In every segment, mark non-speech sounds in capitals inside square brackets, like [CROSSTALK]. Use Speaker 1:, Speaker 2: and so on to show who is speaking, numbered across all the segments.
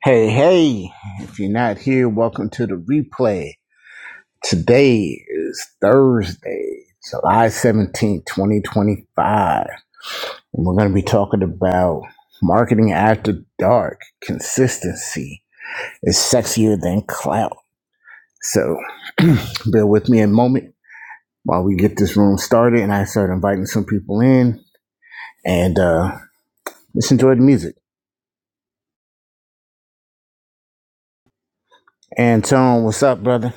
Speaker 1: Hey, hey, if you're not here, welcome to the replay. Today is Thursday, July seventeenth, 2025. And we're going to be talking about marketing after dark. Consistency is sexier than clout. So [CLEARS THROAT] bear with me a moment while we get this room started and I start inviting some people in and uh, let's enjoy the music. Antone, what's up, brother?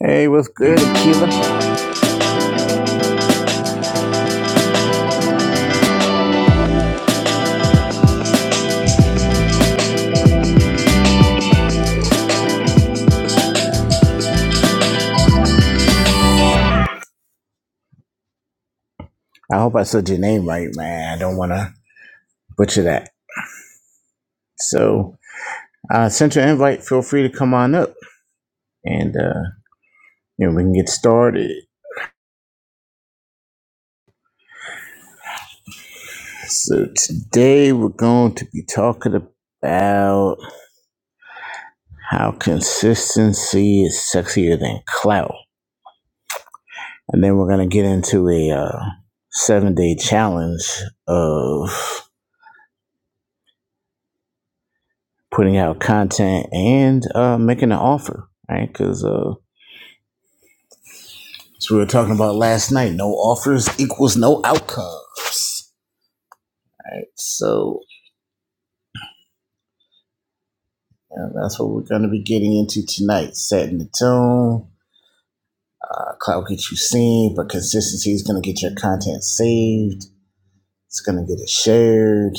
Speaker 1: Hey, what's good, Akilah? I hope I said your name right, man. I don't want to butcher that. So, uh, sent your invite. Feel free to come on up and, uh, you know, we can get started. So, today we're going to be talking about how consistency is sexier than clout. And then we're going to get into a uh, seven day challenge of putting out content and uh, making an offer, right? Because, uh, So we were talking about last night. No offers equals no outcomes. All right, so uh, that's what we're going to be getting into tonight. Setting the tone. Uh, cloud get you seen, but consistency is going to get your content saved. It's going to get it shared.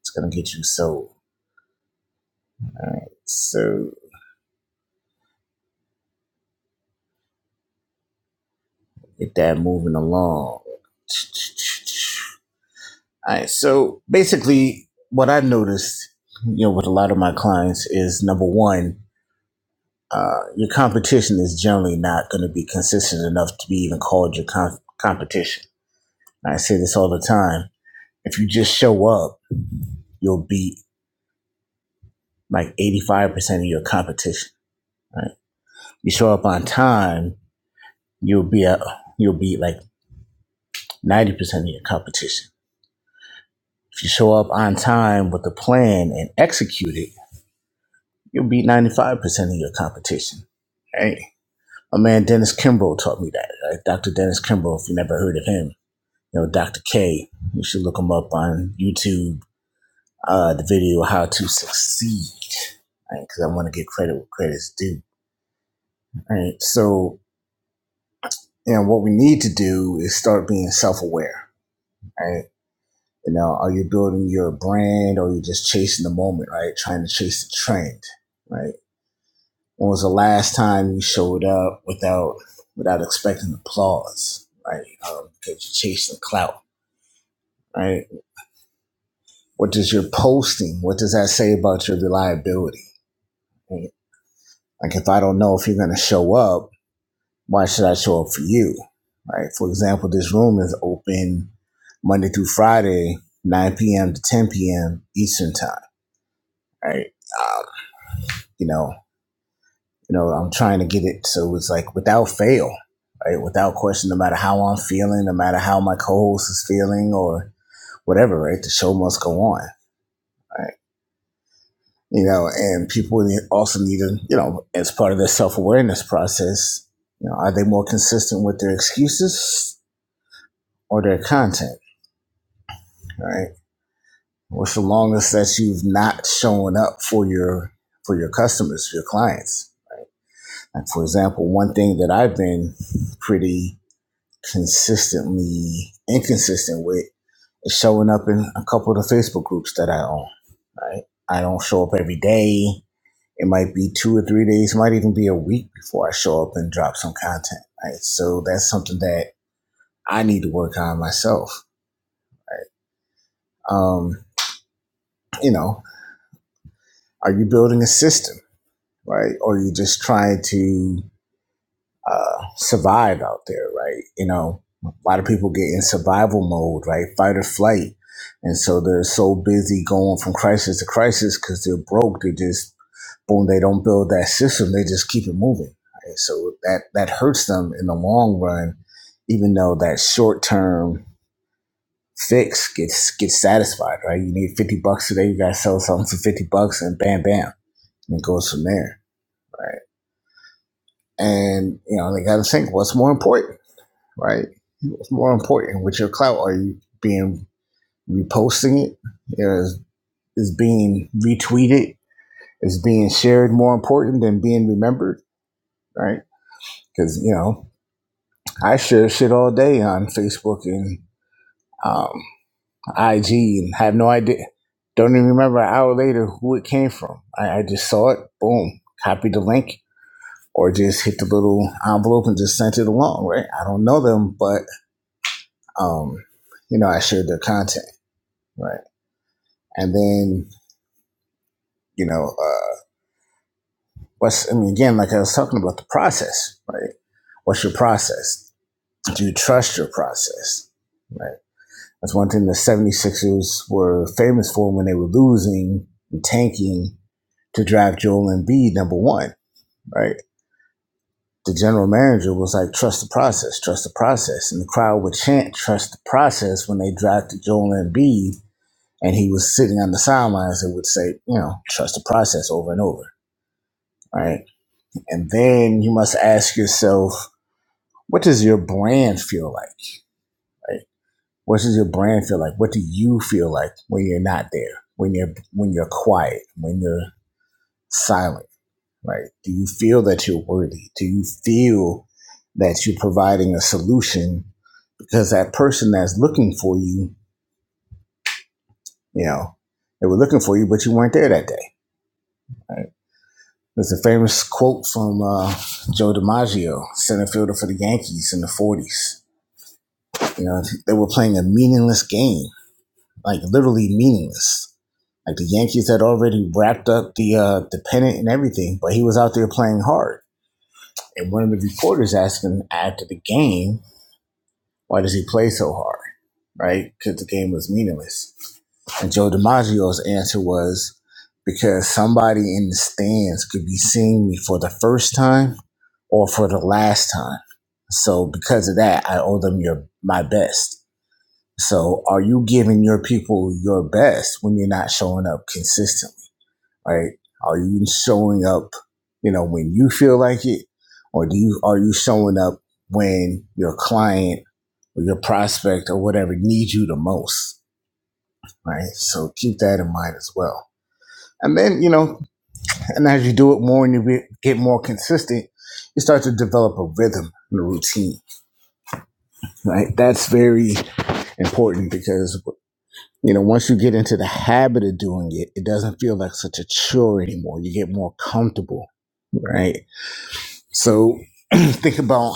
Speaker 1: It's going to get you sold. So get that moving along. All right, so basically, what I've noticed, you know, with a lot of my clients is number one. Uh, your competition is generally not going to be consistent enough to be even called your com- competition. I say this all the time. If you just show up, you'll beat like 85% of your competition, right? You show up on time, you'll be a, you'll beat like 90% of your competition. If you show up on time with a plan and execute it, you'll beat 95% of your competition. Hey, my man Dennis Kimbrough taught me that. Right? Dr. Dennis Kimbrough, if you never heard of him, you know, Dr. K. You should look him up on YouTube. Uh, the video "How to Succeed" because right, I want to get credit where credit's due. Right. So, you know, what we need to do is start being self-aware. Right. You know, are you building your brand or are you just chasing the moment? Right. Trying to chase the trend. Right. When was the last time you showed up without without expecting applause? Right. Um, because you're chasing clout. Right What does your posting? What does that say about your reliability? Right? Like if I don't know if you're going to show up, why should I show up for you? Right. For example, this room is open Monday through Friday, 9 p.m. to 10 p.m. Eastern time. Right. Um, you know, you know, I'm trying to get it so it's like without fail, right? Without question, no matter how I'm feeling, no matter how my co-host is feeling or whatever, right? The show must go on. Right. you know, and people also need to, you know, as part of their self awareness process, you know, are they more consistent with their excuses or their content, right? What's the longest that you've not shown up for your for your customers, for your clients? Like for example, one thing that I've been pretty consistently inconsistent with is showing up in a couple of the Facebook groups that I own, right? I don't show up every day. It might be two or three days, might even be a week before I show up and drop some content. Right. So that's something that I need to work on myself. Um, you know, are you building a system, right? Or are you just trying to uh, survive out there, right? You know, a lot of people get in survival mode, right? Fight or flight. And so they're so busy going from crisis to crisis because they're broke. They're just boom, they don't build that system. They just keep it moving. Right? So that, that hurts them in the long run, even though that short term fix gets, gets satisfied, right? You need 50 bucks today. You got to sell something for 50 bucks and bam, bam. And it goes from there, right? And, you know, they got to think what's more important, right? What's more important with your clout? Are you being reposting it? You know, is, is being retweeted? Is being shared more important than being remembered, right? Because, you know, I share shit all day on Facebook and um, IG and have no idea. Don't even remember an hour later who it came from. I, I just saw it, boom, copied the link, or just hit the little envelope and just sent it along, right? I don't know them, but, um, you know, I shared their content, right? And then, you know, uh, what's, I mean, again, like I was talking about the process, right? What's your process? Do you trust your process? right? That's one thing the Seventy Sixers were famous for when they were losing and tanking to draft Joel Embiid number one, right? The general manager was like, trust the process, trust the process. And the crowd would chant, trust the process when they drafted Joel Embiid. And he was sitting on the sidelines and would say, you know, trust the process over and over, right? And then you must ask yourself, what does your brand feel like? right? What does your brand feel like? What do you feel like when you're not there? When you're when you're quiet, when you're silent, right? Do you feel that you're worthy? Do you feel that you're providing a solution? Because that person that's looking for you, you know, they were looking for you, but you weren't there that day. Right? There's a famous quote from uh, Joe DiMaggio, center fielder for the Yankees in the '40s. You know, they were playing a meaningless game, like literally meaningless Like the Yankees had already wrapped up the uh, the pennant and everything, but he was out there playing hard. And one of the reporters asked him after the game, "Why does he play so hard?" Right? Because the game was meaningless. And Joe DiMaggio's answer was, "Because somebody in the stands could be seeing me for the first time or for the last time. So because of that, I owe them your my best." So are you giving your people your best when you're not showing up consistently? right? Are you showing up, you know, when you feel like it, or do you are you showing up when your client or your prospect or whatever needs you the most, right? So keep that in mind as well. And then you know, and as you do it more and you get more consistent, you start to develop a rhythm and a routine, right? That's very important because you know once you get into the habit of doing it, it doesn't feel like such a chore anymore. You get more comfortable right? So [CLEARS THROAT] think about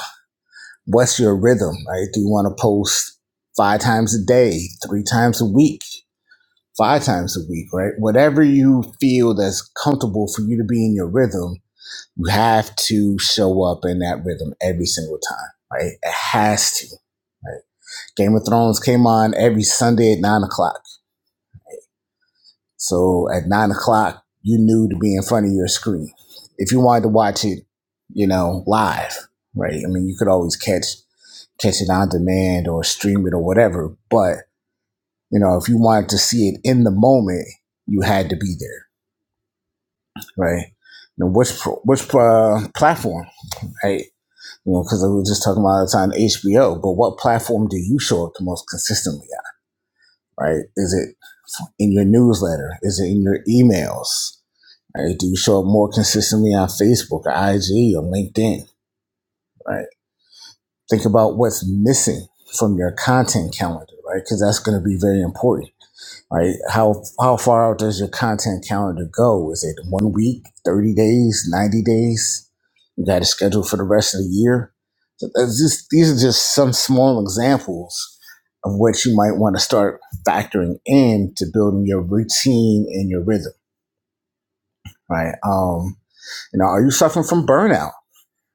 Speaker 1: what's your rhythm, right? Do you want to post five times a day, three times a week, five times a week, right? Whatever you feel that's comfortable for you to be in your rhythm, you have to show up in that rhythm every single time, right? It has to. Right? Game of Thrones came on every Sunday at nine o'clock. So at nine o'clock, you knew to be in front of your screen. If you wanted to watch it, you know, live, right? I mean, you could always catch catch it on demand or stream it or whatever. But, you know, if you wanted to see it in the moment, you had to be there, right? Now, which, which uh, platform, right? You know, because we were just talking about all the time HBO, but what platform do you show up the most consistently at, right? Is it in your newsletter? Is it in your emails? Right? Do you show up more consistently on Facebook or IG or LinkedIn? Right. Think about what's missing from your content calendar, right? Because that's going to be very important. right? How how far out does your content calendar go? Is it one week, thirty days, ninety days? You got it scheduled for the rest of the year. So that's just these are just some small examples of what you might want to start factoring in to building your routine and your rhythm, right? Um, you know, are you suffering from burnout,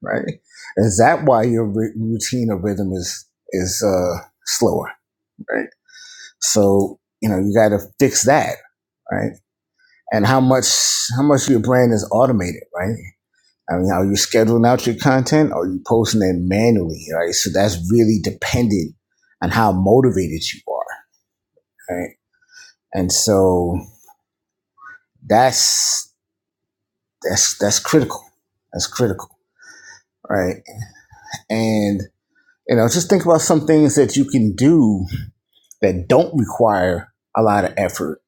Speaker 1: right? Is that why your ri- routine or rhythm is is uh, slower, right? So you know, you got to fix that, right? and how much how much of your brand is automated, right? I mean, are you scheduling out your content or are you posting it manually, right? So that's really dependent on how motivated you are, right? And so that's that's that's critical. That's critical, right? And you know, just think about some things that you can do that don't require a lot of effort,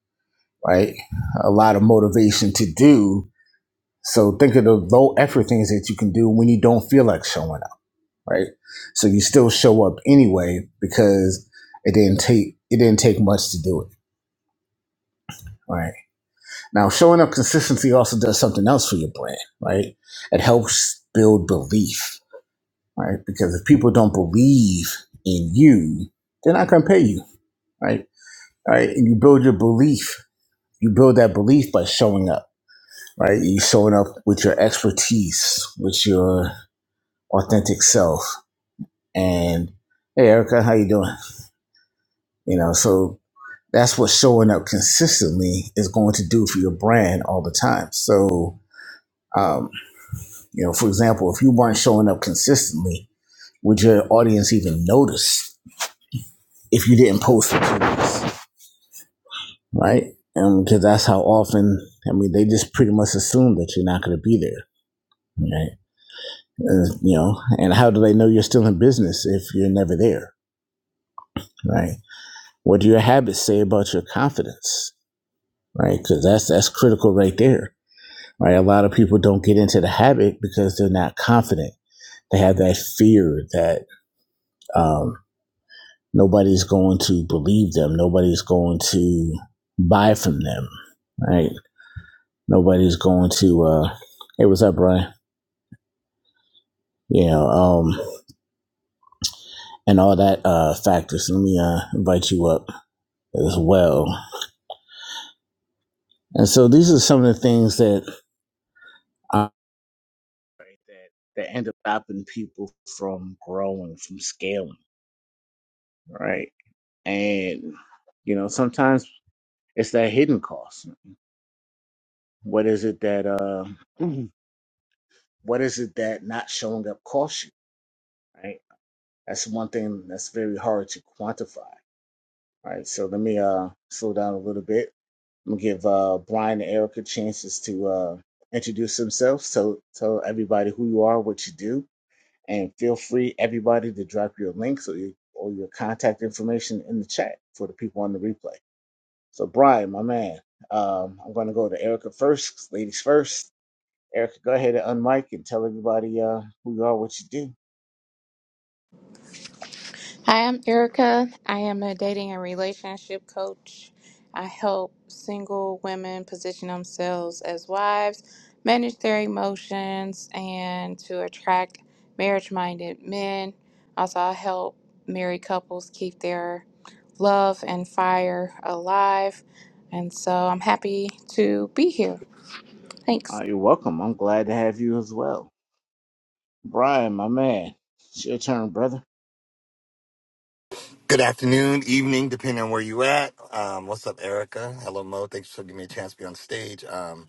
Speaker 1: right? A lot of motivation to do. So think of the low effort things that you can do when you don't feel like showing up right? So you still show up anyway because it didn't take it didn't take much to do it, right? Now showing up consistently also does something else for your brand, right? It helps build belief, right? Because if people don't believe in you, they're not going to pay you, right? All Right? And you build your belief. You build that belief by showing up, right? You showing up with your expertise, with your authentic self, and hey, Erica, how you doing? You know, so That's what showing up consistently is going to do for your brand all the time. So, um, you know, for example, if you weren't showing up consistently, would your audience even notice if you didn't post for two weeks, right? And Because that's how often. I mean, they just pretty much assume that you're not going to be there, right? Uh, you know, and how do they know you're still in business if you're never there, right? What do your habits say about your confidence, right? Because that's that's critical right there right? A lot of people don't get into the habit because they're not confident. They have that fear that um, nobody's going to believe them, nobody's going to buy from them, right? Nobody's going to. Uh, hey, what's up, Brian? You know, um, and all that uh, factors. Let me uh, invite you up as well. And so these are some of the things that uh, that that end up stopping people from growing, from scaling, right? And you know, sometimes It's that hidden cost. What is it that uh Mhm. what is it that not showing up costs you? Right? That's one thing that's very hard to quantify. Right. So let me uh slow down a little bit. I'm gonna give uh Brian and Erica chances to uh introduce themselves. So tell everybody who you are, what you do, and feel free everybody to drop your links or your or your contact information in the chat for the people on the replay. So Brian, my man, um, I'm gonna go to Erica first, 'cause ladies first. Erica, go ahead and unmic and tell everybody uh, who you are, what you do.
Speaker 2: Hi, I'm Erica. I am a dating and relationship coach. I help single women position themselves as wives, manage their emotions, and to attract marriage minded men. Also, I help married couples keep their love and fire alive. And so I'm happy to be here. Thanks.
Speaker 1: Uh, you're welcome. I'm glad to have you as well. Brian, my man, it's your turn, brother.
Speaker 3: Good afternoon, evening, depending on where you at. Um, what's up, Erica? Hello, Mo. Thanks for giving me a chance to be on stage. Um,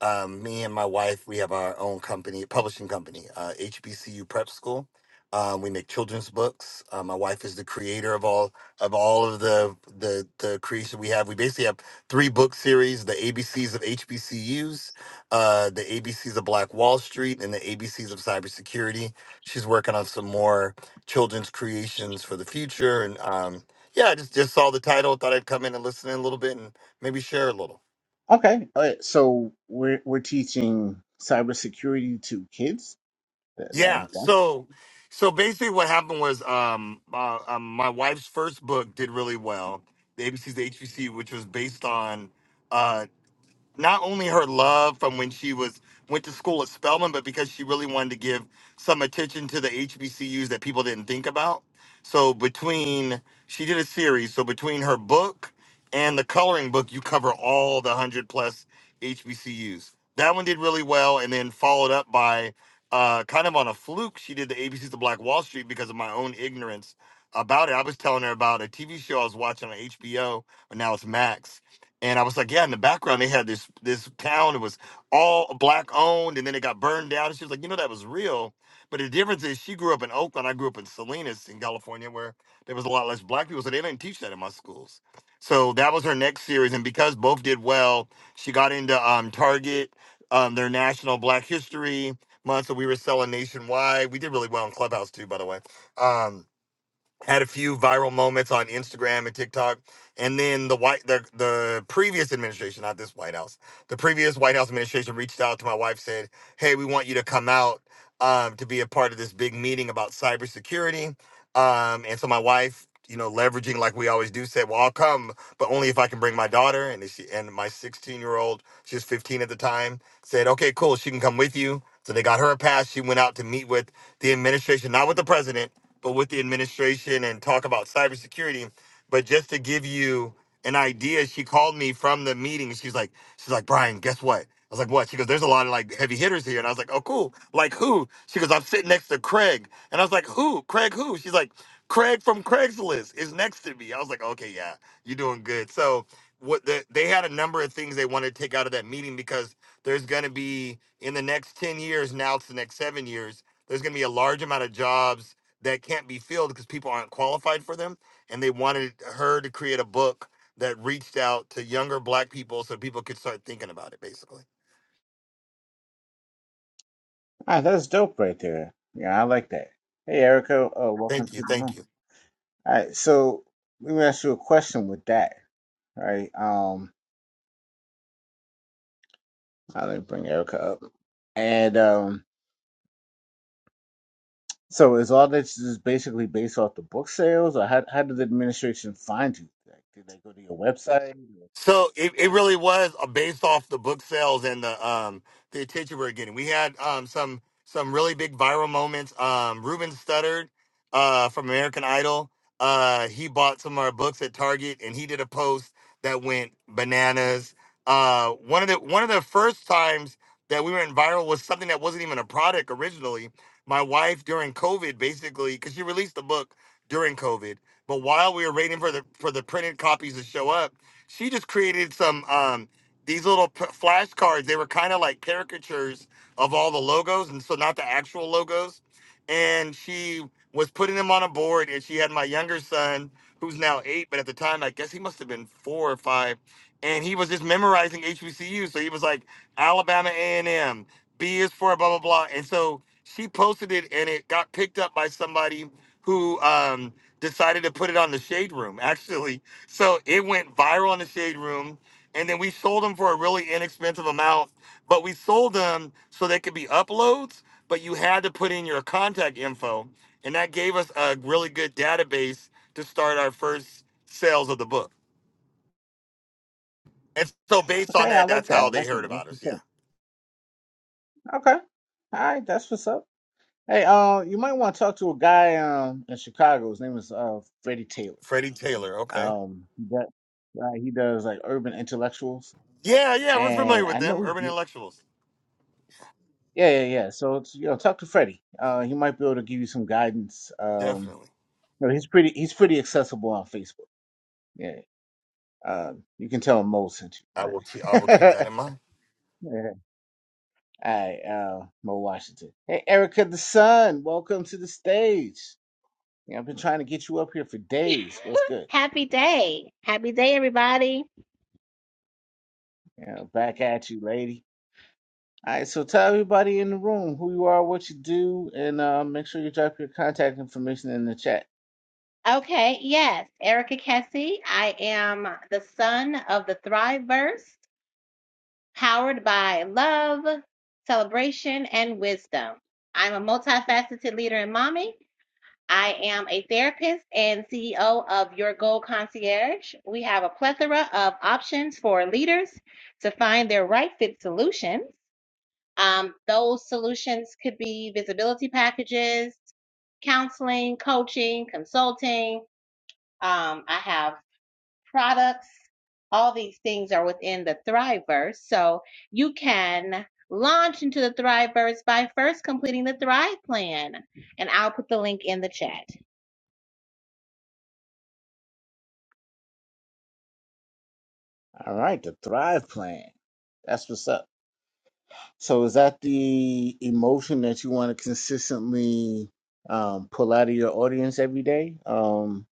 Speaker 3: um, me and my wife, we have our own company, publishing company, uh, HBCU Prep School. Um, we make children's books. Uh, my wife is the creator of all of all of the the the creation we have. We basically have three book series: the ABCs of HBCUs, uh, the ABCs of Black Wall Street, and the ABCs of cybersecurity. She's working on some more children's creations for the future, and um, yeah, I just just saw the title, thought I'd come in and listen in a little bit, and maybe share a little.
Speaker 1: Okay, uh, so we're we're teaching cybersecurity to kids. That, that,
Speaker 3: Yeah. So, so basically, what happened was, um, uh, um, my wife's first book did really well. The ABC's HBC, which was based on, uh not only her love from when she was went to school at Spelman, but because she really wanted to give some attention to the HBCUs that people didn't think about. So between she did a series, so between her book and the coloring book, you cover all the hundred plus HBCUs. That one did really well, and then followed up by uh, kind of on a fluke, she did the ABCs of Black Wall Street because of my own ignorance about it. I was telling her about a TV show I was watching on HBO, and now it's Max and I was like, yeah, in the background they had this this town. It was all black owned, and then it got burned down. And she was like, you know, that was real. But the difference is, she grew up in Oakland. I grew up in Salinas, in California, where there was a lot less black people, so they didn't teach that in my schools. So that was her next series, and because both did well, she got into um, Target, um, their National Black History Month. So we were selling nationwide. We did really well in Clubhouse too, by the way. Um, had a few viral moments on Instagram and TikTok, and then the white the the previous administration, not this White House, the previous White House administration reached out to my wife, said, "Hey, we want you to come out um, to be a part of this big meeting about cybersecurity." Um, and so my wife, you know, leveraging like we always do, said, "Well, I'll come, but only if I can bring my daughter." And she and my 16 year old, she was 15 at the time, said, "Okay, cool, she can come with you." So they got her a pass. She went out to meet with the administration, not with the president but with the administration and talk about cybersecurity. But just to give you an idea, she called me from the meeting. She's like, she's like, Brian, guess what? I was like, what? She goes, there's a lot of like heavy hitters here. And I was like, oh, cool. Like who? She goes, I'm sitting next to Craig. And I was like, who? Craig who? She's like, Craig from Craigslist is next to me. I was like, okay, yeah, you're doing good. So what the, they had a number of things they wanted to take out of that meeting because there's going to be in the next 10 years, now it's the next seven years, there's going to be a large amount of jobs that can't be filled because people aren't qualified for them. And they wanted her to create a book that reached out to younger black people so people could start thinking about it, basically.
Speaker 1: ah, that's dope right there. Yeah, I like that. Hey, Erica, uh, welcome
Speaker 3: Thank
Speaker 1: to
Speaker 3: you.
Speaker 1: the
Speaker 3: Thank
Speaker 1: room.
Speaker 3: you.
Speaker 1: All right, so let me ask you a question with that, right? Um, I didn't bring Erica up, and um. So is all this just basically based off the book sales, or how how did the administration find you? Like, did they go to your website?
Speaker 3: So it, it really was uh, based off the book sales and the um the attention we were getting. We had um some some really big viral moments. Um Ruben Studdard uh from American Idol. Uh he bought some of our books at Target and he did a post that went bananas. Uh one of the one of the first times that we went viral was something that wasn't even a product originally. My wife during COVID basically because she released the book during COVID, but while we were waiting for the for the printed copies to show up she just created some um these little p- flashcards they were kind of like caricatures of all the logos and so not the actual logos and she was putting them on a board and she had my younger son who's now eight but at the time i guess he must have been four or five and he was just memorizing hbcu so he was like alabama a and M, B is for blah blah blah and so she posted it and it got picked up by somebody who um decided to put it on the shade room [LAUGHS] actually so it went viral in the shade room. And then we sold them for a really inexpensive amount, but we sold them so they could be uploads, but you had to put in your contact info. And that gave us a really good database to start our first sales of the book. And so based on
Speaker 1: Okay, I
Speaker 3: that,
Speaker 1: like
Speaker 3: that's
Speaker 1: that. I
Speaker 3: how they
Speaker 1: like
Speaker 3: heard
Speaker 1: that. That's
Speaker 3: about us.
Speaker 1: what's
Speaker 3: Yeah.
Speaker 1: up. Okay, all right, that's what's up. Hey, uh, you might want to talk to a guy um in Chicago. His name is uh Freddie Taylor.
Speaker 3: Freddie Taylor. Okay.
Speaker 1: Um, he does, uh, he does like urban intellectuals,
Speaker 3: Yeah, yeah, we're
Speaker 1: and
Speaker 3: familiar
Speaker 1: I
Speaker 3: with them.
Speaker 1: know he.
Speaker 3: Urban
Speaker 1: do-
Speaker 3: intellectuals.
Speaker 1: Yeah, yeah, yeah. So it's, you know, talk to Freddie. Uh, he might be able to give you some guidance. Um,
Speaker 3: Definitely.
Speaker 1: you know, he's pretty he's pretty accessible on Facebook. Yeah. Um, you can tell Mo sent you,
Speaker 3: I will keep I will keep that
Speaker 1: right?
Speaker 3: in mind.
Speaker 1: [LAUGHS] All right, uh, Mo Washington. Hey, Erica the Sun, welcome to the stage. Yeah, I've been trying to get you up here for
Speaker 4: [LAUGHS]
Speaker 1: days. What's good?
Speaker 4: Happy day. Happy day, everybody.
Speaker 1: Yeah, back at you, lady. All right, so tell everybody in the room who you are, what you do, and uh, make sure you drop your contact information in the chat.
Speaker 4: Okay, yes, Erica Kessie. I am the son of the Thriveverse, powered by love, celebration, and wisdom. I'm a multifaceted leader and mommy. I am a therapist and CEO of Your Goal Concierge. We have a plethora of options for leaders to find their right fit solutions. Um, those solutions could be visibility packages, counseling, coaching, consulting. Um, I have products. All these things are within the Thriveverse. So you can launch into the Thriveverse by first completing the Thrive Plan. And I'll put the link in the chat.
Speaker 1: All right, the Thrive Plan. That's what's up. So is that the emotion that you want to consistently um, pull out of your audience every day? Um,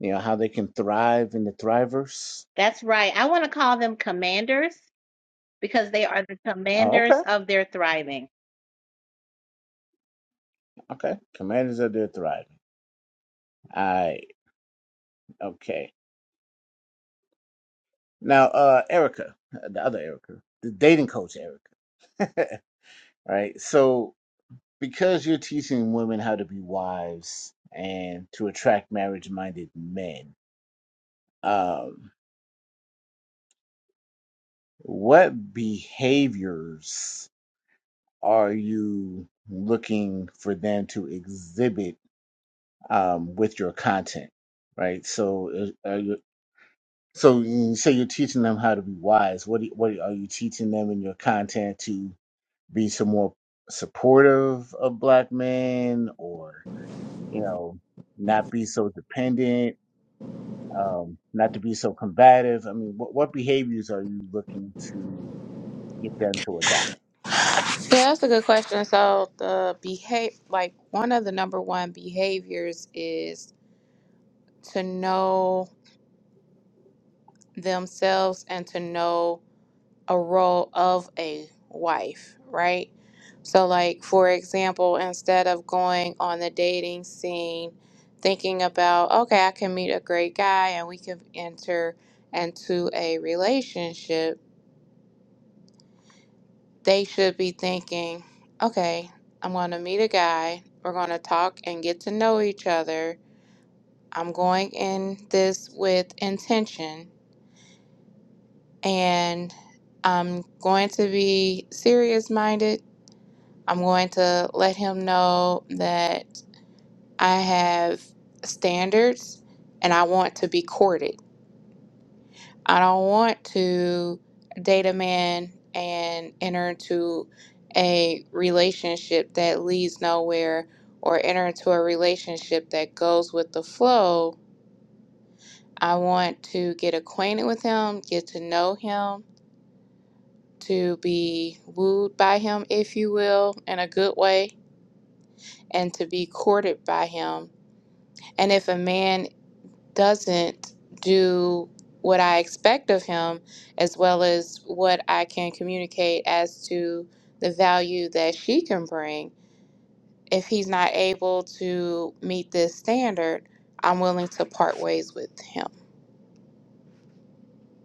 Speaker 1: you know, how they can thrive in the thrivers.
Speaker 4: That's right. I want to call them commanders because they are the
Speaker 1: Oh, okay,
Speaker 4: commanders of their thriving.
Speaker 1: okay. Commanders are there thriving. All right, okay. Now, uh, Erica, uh, the other Erica, the dating coach Erica, [LAUGHS] right? So, because you're teaching women how to be wives and to attract marriage-minded men, um, what behaviors are you looking for them to exhibit um, with your content? right? So, is- are you So you say you're teaching them how to be wise. What do you, what are you teaching them in your content to be some more supportive of black men, or you know, not be so dependent, um, not to be so combative? I mean, what what behaviors are you looking to get them to adopt?
Speaker 2: Yeah, that's a good question. So, the behave like one of the number one behaviors is to know themselves and to know a role of a wife, right? So, like, for example, instead of going on the dating scene, thinking about, okay, I can meet a great guy and we can enter into a relationship, they should be thinking, okay, I'm going to meet a guy. We're going to talk and get to know each other. I'm going in this with intention and I'm going to be serious minded. I'm going to let him know that I have standards and I want to be courted. I don't want to date a man and enter into a relationship that leads nowhere or enter into a relationship that goes with the flow. I want to get acquainted with him, get to know him, to be wooed by him, if you will, in a good way, and to be courted by him. And if a man doesn't do what I expect of him, as well as what I can communicate as to the value that she can bring, if he's not able to meet this standard, I'm willing to part ways with him.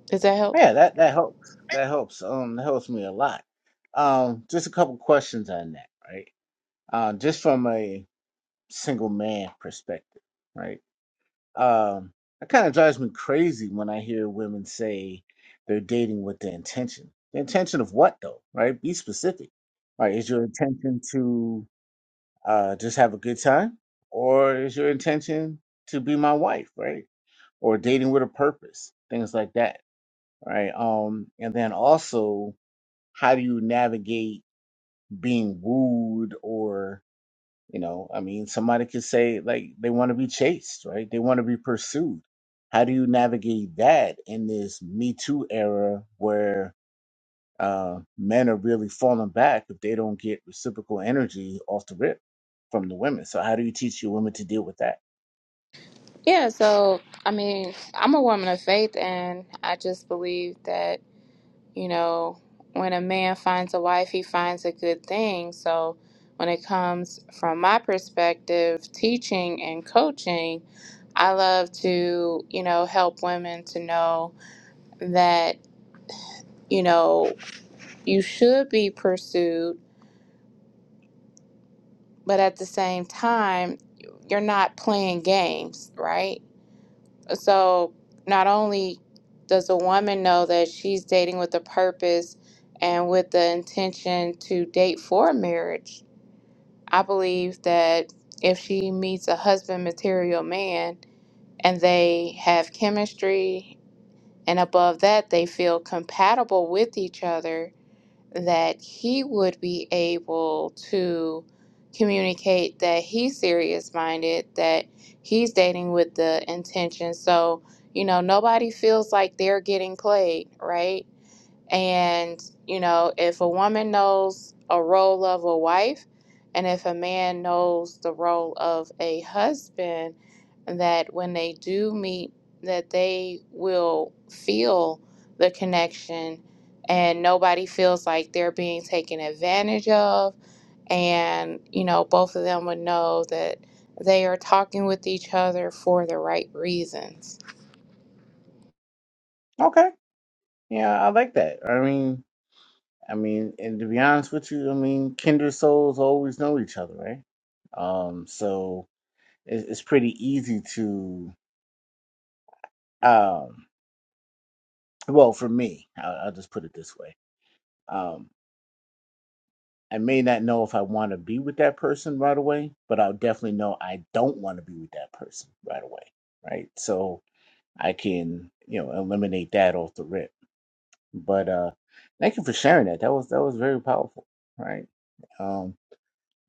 Speaker 2: Does that help?
Speaker 1: Yeah, that that helps. That helps. Um, that helps me a lot. Um, just a couple questions on that, right? Uh, just from a single man perspective, right? Um, that kind of drives me crazy when I hear women say they're dating with the intention. The intention of what though, right? Be specific. Right? Is your intention to uh, just have a good time, or is your intention to be my wife, right? Or dating with a purpose, things like that, right? Um, and then also, how do you navigate being wooed or you know, I mean, somebody could say like they want to be chased, right? They want to be pursued. How do you navigate that in this Me Too era where uh, men are really falling back if they don't get reciprocal energy off the rip from the women? So how do you teach your women to deal with that?
Speaker 2: Yeah, so I mean, I'm a woman of faith, and I just believe that You know, when a man finds a wife, he finds a good thing. So, when it comes from my perspective, teaching and coaching, I love to, you know, help women to know that, you know, you should be pursued, but at the same time, you're not playing games, right? So, not only does a woman know that she's dating with a purpose and with the intention to date for marriage, I believe that if she meets a husband material man and they have chemistry and above that they feel compatible with each other, that he would be able to communicate that he's serious minded, that he's dating with the intention. So, you know, nobody feels like they're getting played, right? And, you know, if a woman knows a role of a wife, and if a man knows the role of a husband, that when they do meet, that they will feel the connection and nobody feels like they're being taken advantage of. And, you know, both of them would know that they are talking with each other for the right reasons.
Speaker 1: Okay, yeah, I like that. I mean, I mean, and to be honest with you, I mean, kindred souls always know each other, right? Um, so it's, it's pretty easy to. Um, well for me I'll, I'll just put it this way um i may not know if i want to be with that person right away but i'll definitely know i don't want to be with that person right away right so i can you know eliminate that off the rip but uh thank you for sharing that that was that was very powerful right um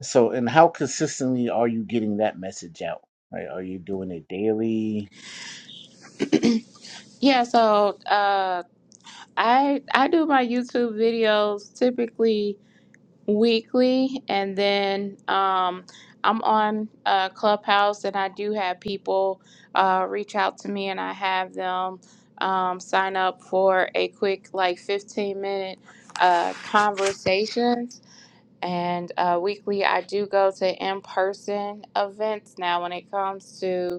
Speaker 1: so and how consistently are you getting that message out right are you doing it daily
Speaker 2: Yeah, so uh, I I do my YouTube videos typically weekly, and then um, I'm on uh, Clubhouse, and I do have people uh, reach out to me, and I have them um, sign up for a quick like 15 minute uh, conversations. And uh, weekly, I do go to in person events now when it comes to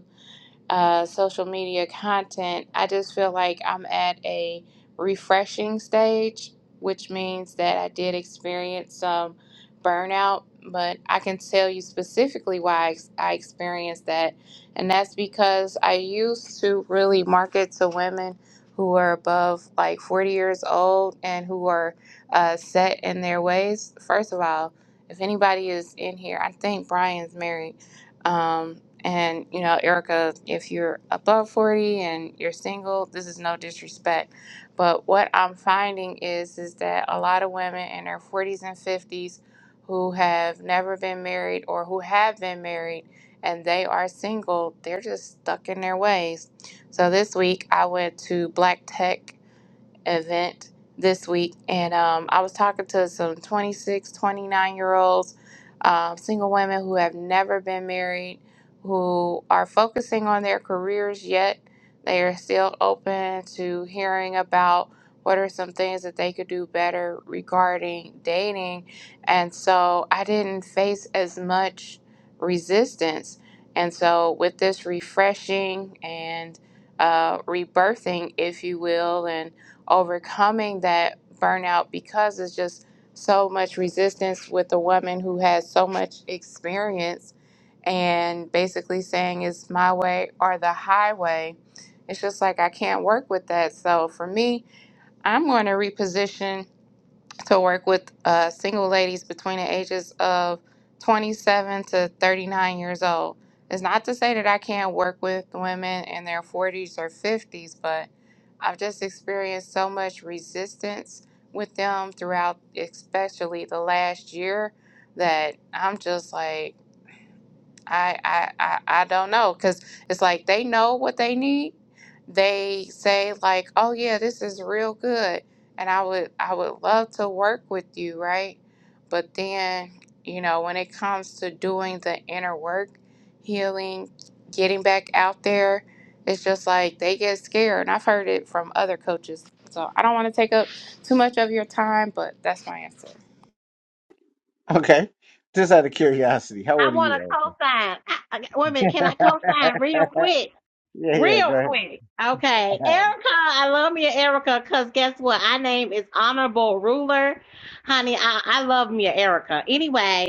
Speaker 2: uh, social media content, I just feel like I'm at a refreshing stage, which means that I did experience some burnout. But I can tell you specifically why I ex- I experienced that. And that's because I used to really market to women who are above like 40 years old and who are uh, set in their ways. First of all, if anybody is in here, I think Brian's married. Um, and you know, Erica, if you're above 40 and you're single, this is no disrespect, but what I'm finding is is that a lot of women in their 40s and 50s who have never been married or who have been married and they are single, they're just stuck in their ways. So this week I went to Black Tech event this week and um, i was talking to some 26, 29 year olds um, single women who have never been married who are focusing on their careers yet they are still open to hearing about what are some things that they could do better regarding dating and so i didn't face as much resistance and so with this refreshing and uh, rebirthing if you will and overcoming that burnout because it's just so much resistance with a woman who has so much experience and basically saying it's my way or the highway. It's just like I can't work with that. So for me, I'm going to reposition to work with uh, single ladies between the ages of 27 to 39 years old. It's not to say that I can't work with women in their 40s or 50s, but I've just experienced so much resistance with them throughout, especially the last year, that I'm just like, I I I, I don't know because it's like they know what they need. They say like, "Oh yeah, this is real good," and I would I would love to work with you, right? But then you know when it comes to doing the inner work, healing, getting back out there, it's just like they get scared, and I've heard it from other coaches. So I don't want to take up too much of your time, but that's my answer.
Speaker 1: [LAUGHS] okay just out of curiosity how old
Speaker 4: I
Speaker 1: are
Speaker 4: want
Speaker 1: you
Speaker 4: to
Speaker 1: Elton?
Speaker 4: co-sign. I, I, wait a minute, can I co-sign real quick?
Speaker 1: yeah yeah go
Speaker 4: Real
Speaker 1: ahead
Speaker 4: quick. Okay.
Speaker 1: [LAUGHS]
Speaker 4: Erica, I love me an Erica because guess what? Our name is Honorable Ruler. Honey, I, I love me an Erica. Anyway,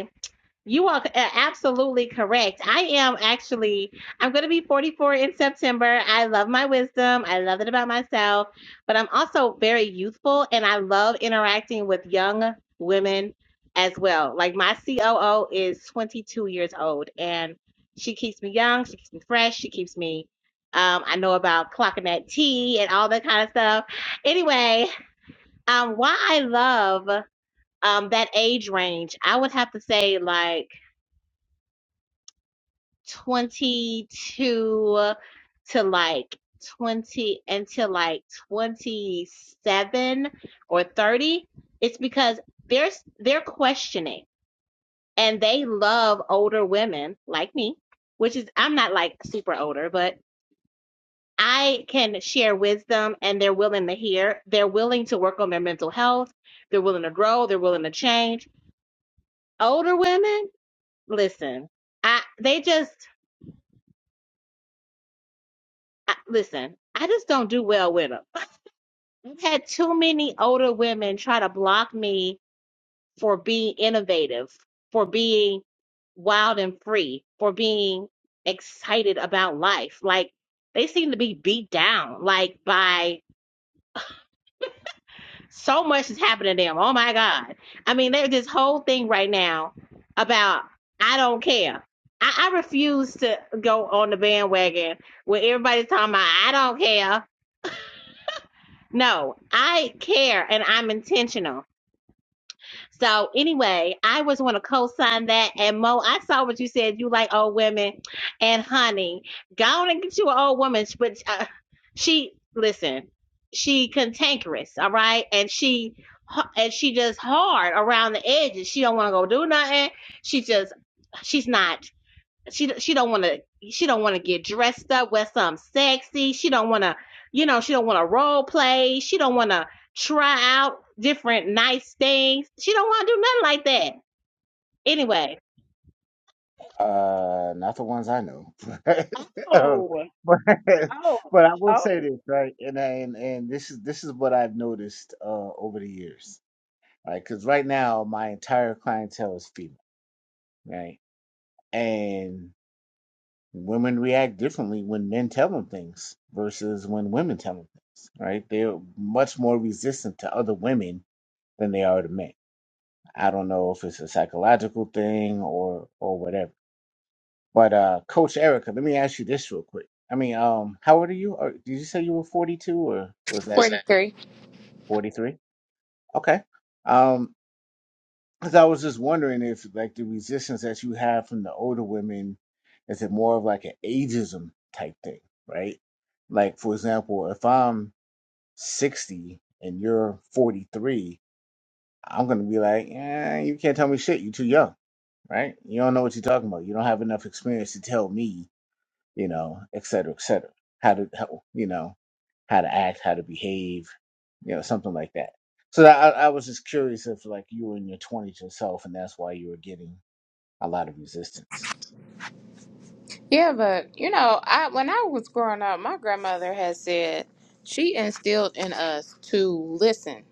Speaker 4: You are a- absolutely correct. I am actually, I'm going to be 44 in September. I love my wisdom. I love it about myself, but I'm also very youthful and I love interacting with young women as well. Like my COO is 22 years old and she keeps me young. She keeps me fresh. She keeps me, um, I know about clocking that tea and all that kind of stuff. Anyway, um, why I love um, that age range, I would have to say, like, 22 to like 20 until like 27 or 30 it's because they're they're questioning and they love older women like me which is i'm not like super older but i can share wisdom and they're willing to hear they're willing to work on their mental health they're willing to grow they're willing to change older women listen i they just I, listen i just don't do well with them. I've had too many older women try to block me for being innovative, for being wild and free, for being excited about life. Like they seem to be beat down, like by so much is happening to them. Oh my God. I mean, there's this whole thing right now about I don't care. I, I refuse to go on the bandwagon where everybody's talking about I don't care. No, I care and I'm intentional. So anyway, I was want to co-sign that. And Mo, I saw what you said. You like old women, and honey, go on and get you an old woman. But uh, she listen, she cantankerous, all right, and she and she just hard around the edges. She don't want to go do nothing. She just she's not she she don't want to she don't want to get dressed up wear something sexy she don't want to you know she don't want to role play she don't want to try out different nice things she don't want to do nothing like that anyway
Speaker 1: Uh, not the ones I know, [LAUGHS] but uh,
Speaker 4: Oh,
Speaker 1: but,
Speaker 4: oh,
Speaker 1: but I will
Speaker 4: oh.
Speaker 1: say this, right? And I- and and this is this is what I've noticed uh over the years, right? Because right now my entire clientele is female, right? And women react differently when men tell them things versus when women tell them things, right? They're much more resistant to other women than they are to men. I don't know if it's a psychological thing or or whatever But uh, Coach Erica, let me ask you this real quick. I mean, um, how old are you? Or did you say you were 42 or was that
Speaker 2: Forty three.
Speaker 1: 43? Okay. Um, because I was just wondering if like the resistance that you have from the older women, is it more of like an ageism type thing, right? Like for example, if I'm 60 and you're 43, I'm gonna be like, eh, you can't tell me shit. You're too young, right? You don't know what you're talking about. You don't have enough experience to tell me you know, et cetera, et cetera. How to, how, you know, how to act, how to behave, you know, something like that. So I, I was just curious if like you were in your twenties yourself, and that's why you were getting a lot of resistance.
Speaker 2: Yeah, but you know, I when I was growing up, my grandmother had said she instilled in us to listen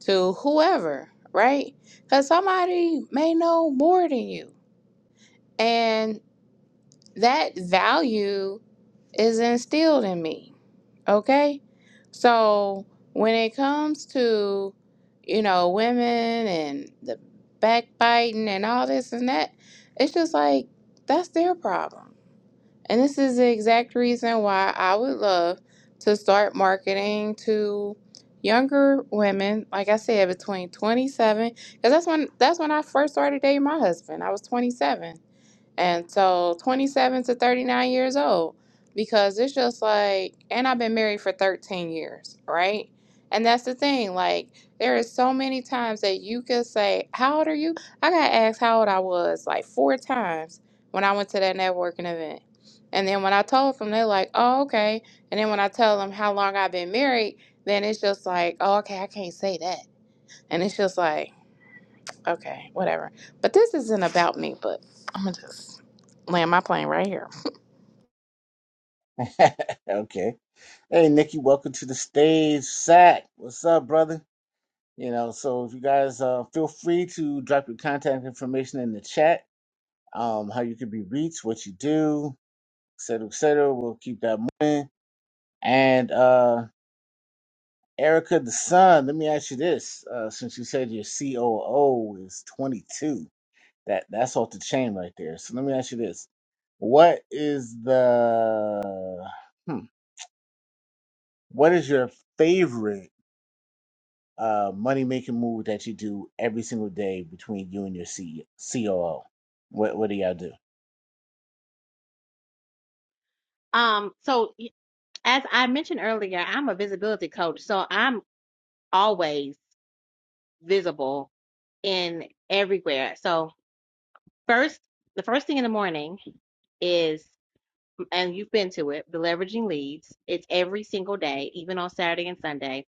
Speaker 2: to whoever, right? Because somebody may know more than you, and that value is instilled in me. Okay, so when it comes to you know women and the backbiting and all this and that, it's just like that's their problem And this is the exact reason why I would love to start marketing to younger women, like I said, between 27, because that's when that's when I first started dating my husband. I was 27 and so 27 to 39 years old because it's just like and i've been married for 13 years right and that's the thing like there is so many times that you could say how old are you i got asked how old i was like four times when i went to that networking event and then when i told them they're like oh okay and then when i tell them how long i've been married then it's just like oh okay i can't say that and it's just like Okay, whatever. But this isn't about me, but I'm gonna just land my plane right here.
Speaker 1: [LAUGHS] okay. Hey, Nikki, welcome to the stage. Sack, what's up, brother? You know, so if you guys uh, feel free to drop your contact information in the chat, um, how you can be reached, what you do, et cetera, et cetera. We'll keep that moving. And uh, Erica the son, let me ask you this. Uh, since you said your COO is 22, that, that's off the chain right there. So let me ask you this. What is the, hmm, what is your favorite uh, money making move that you do every single day between you and your C- COO? What, what do y'all do?
Speaker 4: um so as i mentioned earlier i'm a visibility coach so i'm always visible in everywhere so first the first thing in the morning is. and you've been to it, the leveraging leads. It's every single day, even on Saturday and Sunday.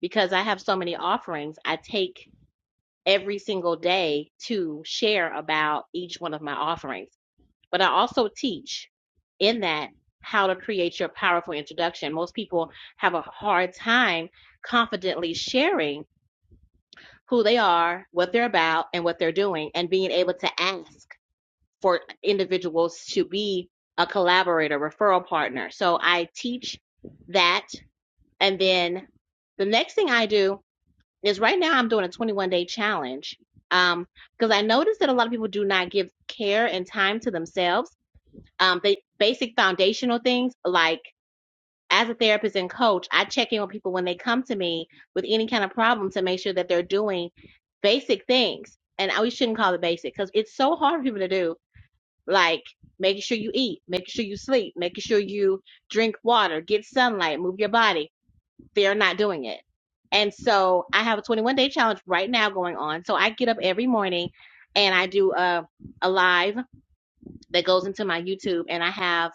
Speaker 4: Because I have so many offerings, I take every single day to share about each one of my offerings. But I also teach in that how to create your powerful introduction. Most people have a hard time confidently sharing who they are, what they're about, and what they're doing, and being able to ask for individuals to be a collaborator, referral partner. So I teach that. And then the next thing I do is right now I'm doing a 21 day challenge. Um, because I noticed that a lot of people do not give care and time to themselves. Um, they basic foundational things like as a therapist and coach, I check in with people when they come to me with any kind of problem to make sure that they're doing basic things. And we shouldn't call it basic because it's so hard for people to do like making sure you eat, making sure you sleep, making sure you drink water, get sunlight, move your body. They're not doing it. And so I have a 21 day challenge right now going on. So I get up every morning and I do a, a live that goes into my YouTube, and I have.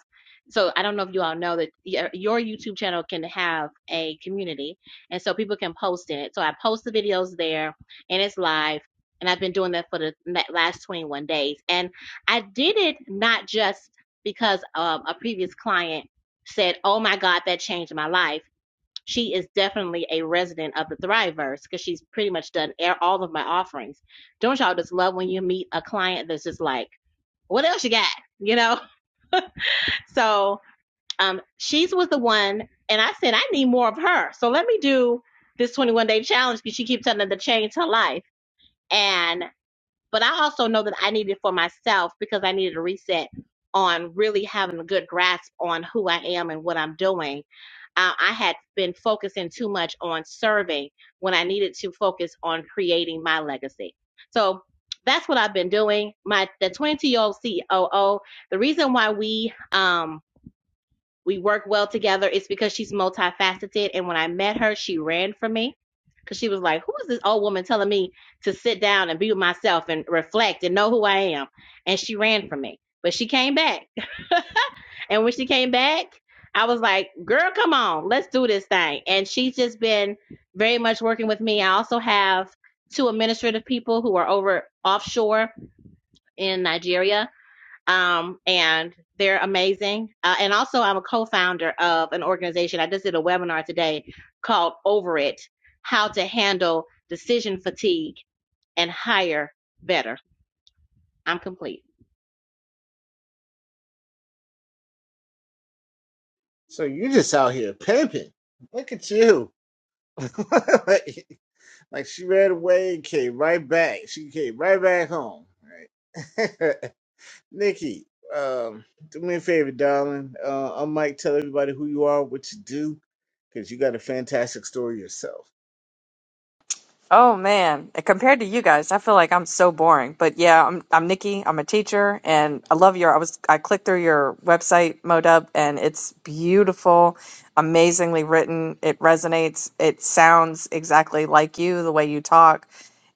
Speaker 4: So I don't know if you all know that your your YouTube channel can have a community, and so people can post in it. So I post the videos there, and it's live. And I've been doing that for the la- last 21 days. And I did it not just because um, a previous client said, "Oh my God, that changed my life." She is definitely a resident of the Thriveverse because she's pretty much done air- all of my offerings. Don't y'all just love when you meet a client that's just like what else you got? You know? [LAUGHS] So um she was the one and I said, I need more of her. So let me do this 21 day challenge because she keeps telling them to change her life. And but I also know that I needed it for myself because I needed a reset on really having a good grasp on who I am and what I'm doing. Uh, I had been focusing too much on serving when I needed to focus on creating my legacy. So that's what I've been doing. My the 22 year old COO. The reason why we um, we work well together. It's because she's multifaceted. And when I met her, she ran from me because she was like, Who is this old woman telling me to sit down and be with myself and reflect and know who I am? And she ran from me. But she came back. And when she came back, I was like, Girl, come on, let's do this thing. And she's just been very much working with me. I also have two administrative people who are over offshore in Nigeria um, and they're amazing. Uh, and also, I'm a co-founder of an organization. I just did a webinar today called "Over It: How to Handle Decision Fatigue and Hire Better." I'm complete.
Speaker 1: So you just out here pimping. Look at you. [LAUGHS] like, like she ran away and came right back. She came right back home. Right. [LAUGHS] Nikki, um, do me a favor, darling. Uh, I might tell everybody who you are, what you do, because you got a fantastic story yourself.
Speaker 5: Oh man, And compared to you guys, I feel like I'm so boring. But yeah, I'm I'm Nikki. I'm a teacher, and I love your. I was I clicked through your website, Modub, and it's beautiful, amazingly written. It resonates. It sounds exactly like you, the way you talk,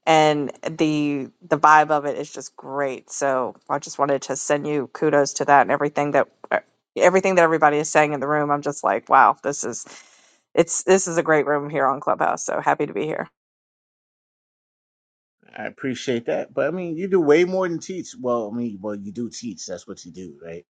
Speaker 5: and the the vibe of it is just great. So I just wanted to send you kudos to that and everything that uh, everything that everybody is saying in the room. I'm just like, wow, this is it's this is a great room here on Clubhouse. So happy to be here.
Speaker 1: I appreciate that, but I mean, you do way more than teach. Well, I mean, well, you do teach. That's what you do, right?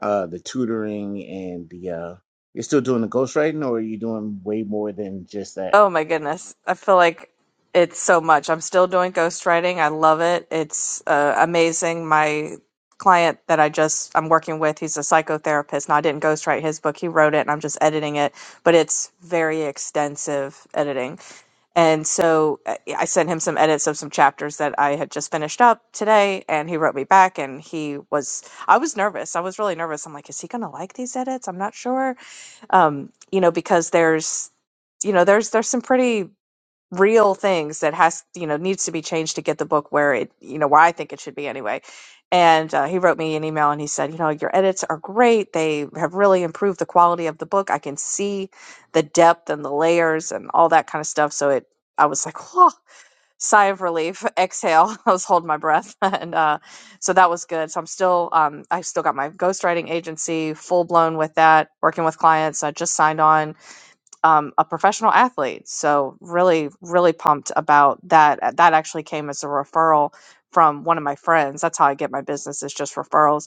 Speaker 1: Uh, the tutoring and the uh, you're still doing the ghostwriting, or are you doing way more than just that?
Speaker 5: Oh my goodness. I feel like it's so much. I'm still doing ghostwriting. I love it. It's uh, amazing. My client that I just I'm working with, he's a psychotherapist, and I didn't ghostwrite his book. He wrote it, and I'm just editing it, but it's very extensive editing. And so uh, I sent him some edits of some chapters that I had just finished up today, and he wrote me back, and he was I was nervous. I was really nervous. I'm like, is he going to like these edits? I'm not sure. Um, you know, because there's you know, there's there's some pretty real things that has you know needs to be changed to get the book where it you know where I think it should be anyway. And uh, he wrote me an email and he said, you know, your edits are great. They have really improved the quality of the book. I can see the depth and the layers and all that kind of stuff. So it, I was like, whoa. Sigh of relief, [LAUGHS] exhale. [LAUGHS] I was holding my breath, [LAUGHS] and uh, so that was good. So I'm still, um, I still got my ghostwriting agency full blown with that, working with clients. I just signed on um, a professional athlete. So really, really pumped about that. uh, That actually came as a referral from one of my friends. That's how I get my business is just referrals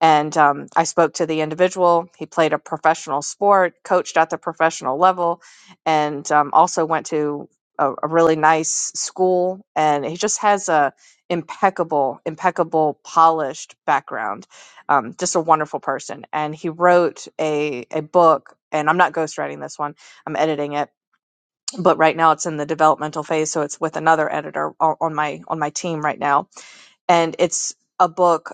Speaker 5: and um, I spoke to the individual. He played a professional sport, coached at the professional level, and um, also went to a, a really nice school. And he just has a impeccable, impeccable, polished background. Um, just a wonderful person. And he wrote a a book. And I'm not ghostwriting this one. I'm editing it, but right now it's in the developmental phase, so it's with another editor o- on my on my team right now. And it's a book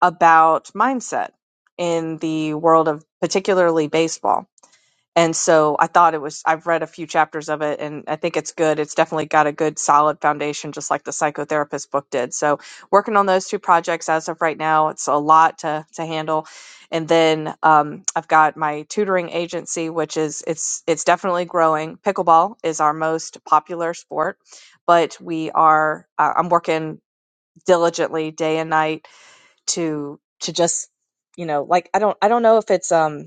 Speaker 5: about mindset in the world of particularly baseball. And so I thought it was, I've read a few chapters of it and I think it's good. It's definitely got a good solid foundation, just like the psychotherapist book did. So working on those two projects as of right now, it's a lot to, to handle. And then um, I've got my tutoring agency, which is, it's, it's definitely growing. Pickleball is our most popular sport, but we are, uh, I'm working diligently day and night to to just you know like i don't i don't know if it's um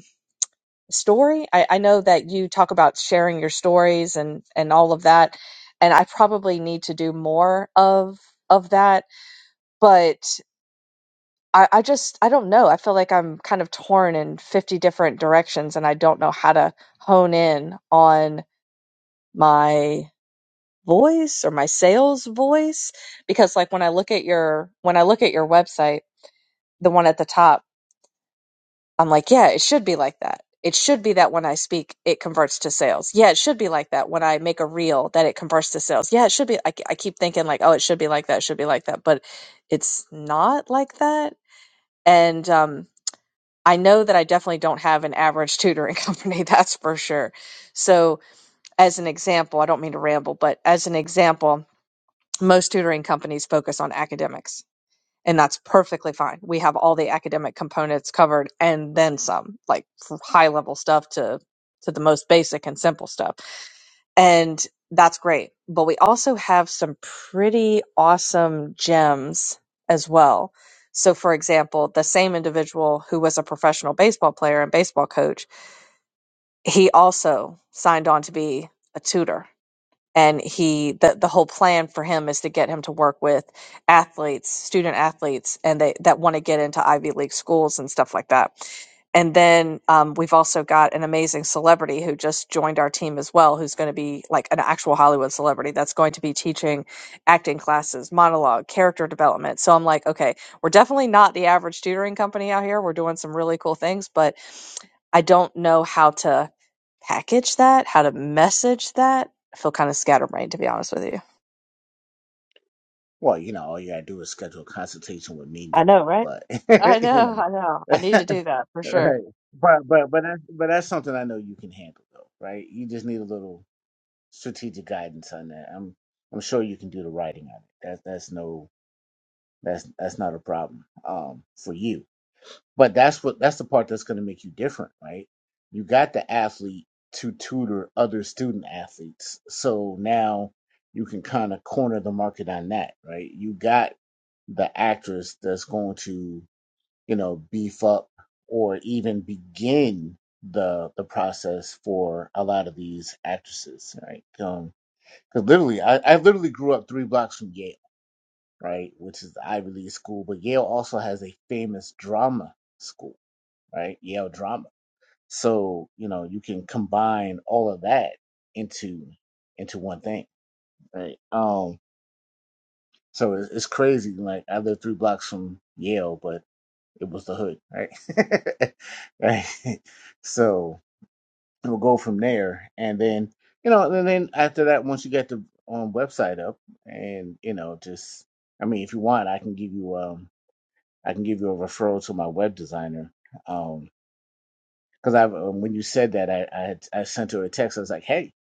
Speaker 5: story i i know that you talk about sharing your stories and and all of that and i probably need to do more of of that but i i just i don't know i feel like i'm kind of torn in 50 different directions and i don't know how to hone in on my voice or my sales voice because like when i look at your when i look at your website the one at the top I'm like, yeah, it should be like that. It should be that when I speak, it converts to sales. Yeah, it should be like that when I make a reel that it converts to sales. Yeah, it should be. I, I keep thinking like, oh, it should be like that. It should be like that, but it's not like that. And um, I know that I definitely don't have an average tutoring [LAUGHS] company. That's for sure. So, as an example, I don't mean to ramble, but as an example, most tutoring companies focus on academics and that's perfectly fine. We have all the academic components covered and then some, like from high level stuff to to the most basic and simple stuff. And that's great. But we also have some pretty awesome gems as well. So for example, the same individual who was a professional baseball player and baseball coach, he also signed on to be a tutor and he the, the whole plan for him is to get him to work with athletes student athletes and they that want to get into ivy league schools and stuff like that and then um, we've also got an amazing celebrity who just joined our team as well who's going to be like an actual hollywood celebrity that's going to be teaching acting classes monologue character development so i'm like okay we're definitely not the average tutoring company out here we're doing some really cool things but i don't know how to package that how to message that I feel kind of scatterbrained, to be honest with you.
Speaker 1: Well, you know, all you gotta do is schedule a consultation with me,
Speaker 5: I
Speaker 1: Nikki.
Speaker 5: know, right?
Speaker 1: But
Speaker 5: I
Speaker 1: [LAUGHS] you
Speaker 5: know,
Speaker 1: know,
Speaker 5: I know. I need to
Speaker 1: [LAUGHS]
Speaker 5: do that for sure.
Speaker 1: right? But but but that's but that's something I know you can handle, though, right? You just need a little strategic guidance on that. I'm I'm sure you can do the writing on it. That's that's no that's that's not a problem um for you. But that's what that's the part that's going to make you different, right? You got the athlete to tutor other student athletes, so now you can kind of corner the market on that, right? You got the actress that's going to you know beef up or even begin the the process for a lot of these actresses, right? Um, Cause literally, I, I literally grew up three blocks from Yale, right, which is the Ivy League school. But Yale also has a famous drama school, right? Yale drama. So you know you can combine all of that into into one thing, right? Um, so it's, it's crazy. Like I lived three blocks from Yale, but it was the hood, right? [LAUGHS] right. So we'll go from there. And then, you know, and then after that, once you get the um, website up, and you know, just I mean, if you want, I can give you um, I can give you a referral to my web designer. Um, because i um, when you said that, I I, had, I sent her a text. I was like, hey,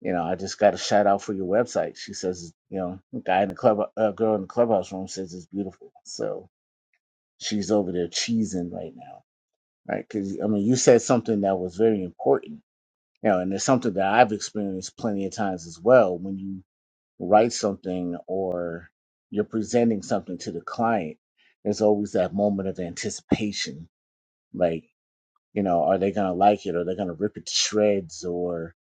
Speaker 1: you know, I just got a shout out for your website. She says, you know, guy in the club, uh, girl in the clubhouse room says it's beautiful. So she's over there cheesing right now, right? Because I mean, you said something that was very important you know, and it's something that I've experienced plenty of times as well. When you write something or you're presenting something to the client, there's always that moment of anticipation. Like, you know, are they gonna like it? Are they gonna rip it to shreds? Or,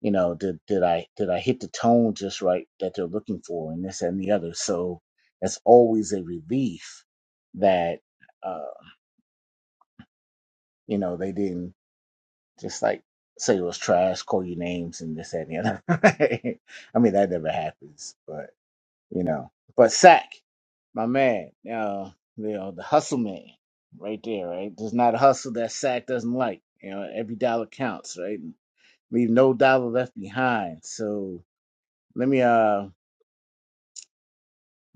Speaker 1: you know, did did I did I hit the tone just right that they're looking for and this and the other? So it's always a relief that uh, you know, they didn't Just like say it was trash, call you names and this that, and the other. [LAUGHS] I mean that never happens, but you know. But Sack, my man, uh, you know, the hustle man, right there, right? There's not a hustle that Sack doesn't like. You know, every dollar counts, right? Leave no dollar left behind. So let me uh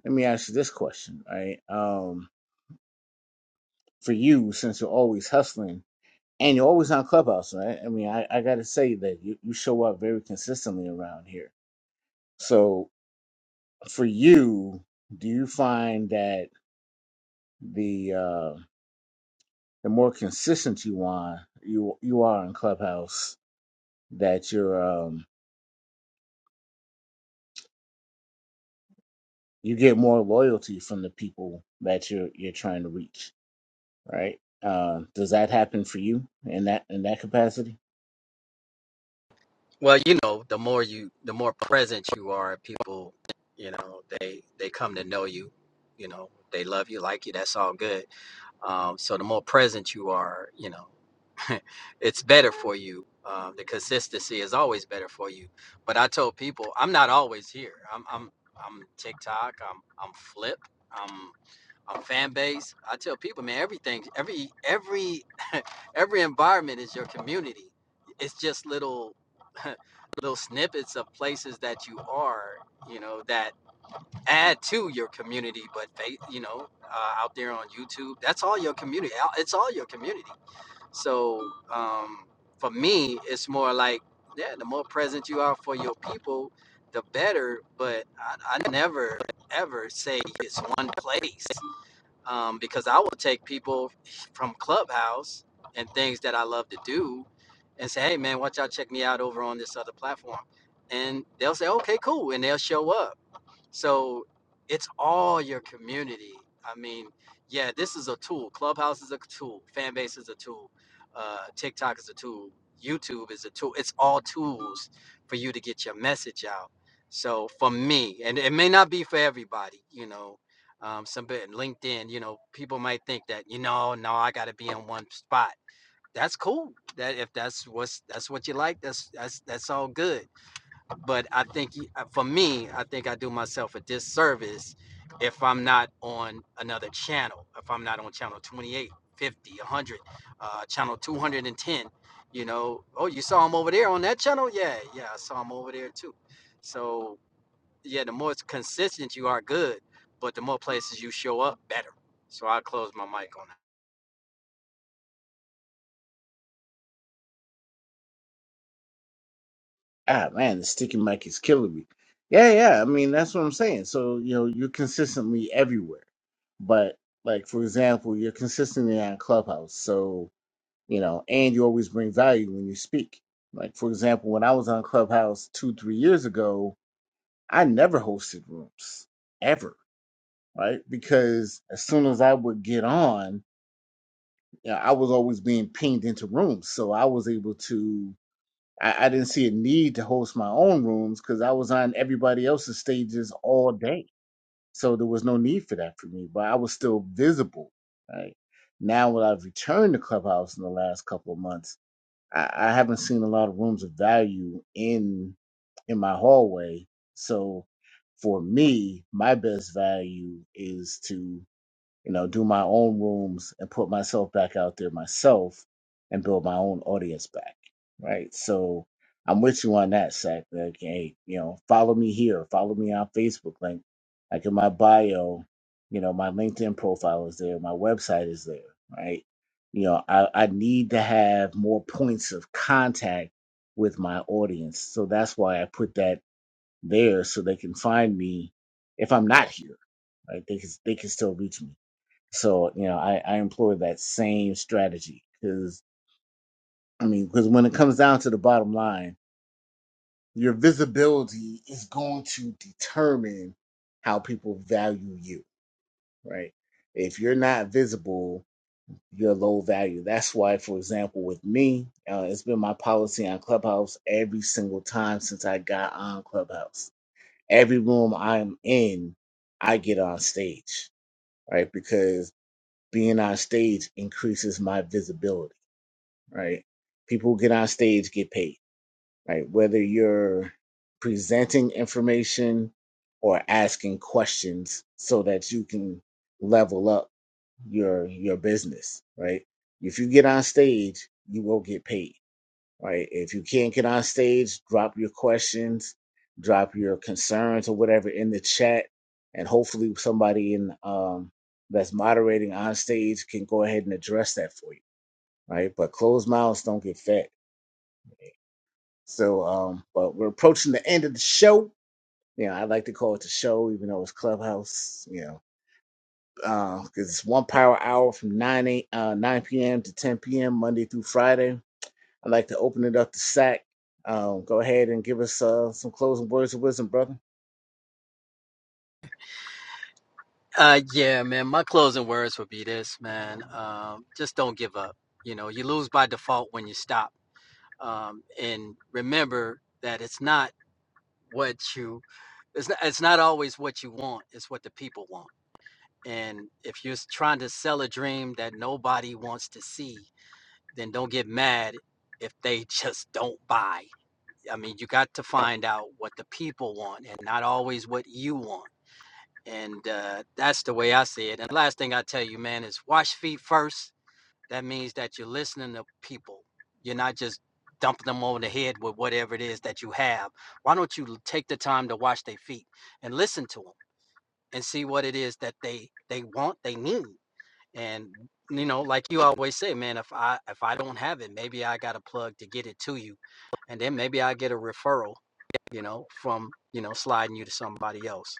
Speaker 1: let me ask you this question, right? Um, for you, since you're always hustling and you're always on Clubhouse, right? I mean, I, I gotta say that you, you show up very consistently around here. So for you, do you find that the uh the more consistent you want you you are in Clubhouse that you're um you get more loyalty from the people that you're you're trying to reach, right? Uh, does that happen for you in that in that capacity?
Speaker 6: Well, you know, the more you, the more present you are, people, you know, they they come to know you. You know, they love you, like you. That's all good. Um, so the more present you are, you know. [LAUGHS] it's better for you. Um, the consistency is always better for you. But I told people I'm not always here. I'm I'm I'm TikTok. I'm I'm Flip. I'm I'm fan base. I tell people, man, everything, every every [LAUGHS] every environment is your community. It's just little [LAUGHS] little snippets of places that you are, you know, that add to your community. But they, you know, uh, out there on YouTube, that's all your community. It's all your community. So um, for me, it's more like, yeah, the more present you are for your people, the better. But I, I never, ever say it's one place um, because I will take people from Clubhouse and things that I love to do and say, hey, man, watch out, check me out over on this other platform. And they'll say, okay, cool. And they'll show up so it's all your community. I mean, yeah, this is a tool. Clubhouse is a tool. Fan base is a tool. Uh, TikTok is a tool. YouTube is a tool. It's all tools for you to get your message out. So for me, and it may not be for everybody, you know, um, some bit LinkedIn, you know, people might think that, you know, no, I got to be in one spot. That's cool. That if that's what's that's what you like, that's that's that's all good but I think uh, for me, I think I do myself a disservice if I'm not on another channel, if I'm not on channel 28, 50, 100, uh, channel 210. You know, oh, you saw him over there on that channel? Yeah, yeah, I saw him over there too. So, yeah, the more consistent you are, good, but the more places you show up, better. So, I'll close my mic on that.
Speaker 1: Ah man, the sticky mic is killing me. Yeah, yeah. I mean that's what I'm saying. So, you know, you're consistently everywhere. But like for example, you're consistently on Clubhouse. So you know, and you always bring value when you speak. Like for example, when I was on Clubhouse two, three years ago, I never hosted rooms ever, right? Because as soon as I would get on, you know, I was always being pinged into rooms, so I was able to. I, I didn't see a need to host my own rooms because I was on everybody else's stages all day, so there was no need for that for me. But I was still visible, right? Now when I've returned to Clubhouse in the last couple of months. I, I haven't seen a lot of rooms of value in in my hallway. So for me, my best value is to you know, do my own rooms and put myself back out there myself and build my own audience back. Right. So I'm with you on that, Sack. Like, hey, you know, follow me here. Follow me on Facebook. Like, like in my bio, you know, my LinkedIn profile is there. My website is there. Right. You know, I, I need to have more points of contact with my audience. So that's why I put that there so they can find me if I'm not here. Right. They can, they can still reach me so, you know, I, I employ that same strategy because, I mean, because when it comes down to the bottom line, your visibility is going to determine how people value you, right? If you're not visible, you're low value. That's why, for example, with me, uh, it's been my policy on Clubhouse every single time since I got on Clubhouse. Every room I'm in, I get on stage, right? Because being on stage increases my visibility right? People who get on stage get paid, right? Whether you're presenting information or asking questions so that you can level up your your business, right? If you get on stage, you will get paid, right? If you can't get on stage, drop your questions, drop your concerns or whatever in the chat, and hopefully somebody in um, that's moderating on stage can go ahead and address that for you, right? But closed mouths don't get fed so, um, but we're approaching the end of the show. You know, I like to call it the show, even though it's Clubhouse. You know, because it's one power hour from nine eight uh, nine p.m. to ten p.m. Monday through Friday. I like to open it up to Sack. Um, go ahead and give us uh, some closing words of wisdom, brother.
Speaker 6: Uh, yeah, man, my closing words would be this, man. Um, just don't give up. You know, you lose by default when you stop um, and remember that it's not what you it's not, it's not always what you want it's what the people want and if you're trying to sell a dream that nobody wants to see then don't get mad if they [LAUGHS] just don't buy i mean you got to find out what the people want and not always what you want and uh, that's the way i see it and the last thing i tell you man is wash feet first that means that you're listening to people. You're not just dumping them over the head with whatever it is that you have. Why don't you take the time to wash their feet and listen to them and see what it is that they they want, they need. And you know, like you always say, man, if I if I don't have it, maybe I got a plug to get it to you, and then maybe I get a referral you know, from, you know, sliding you to somebody else.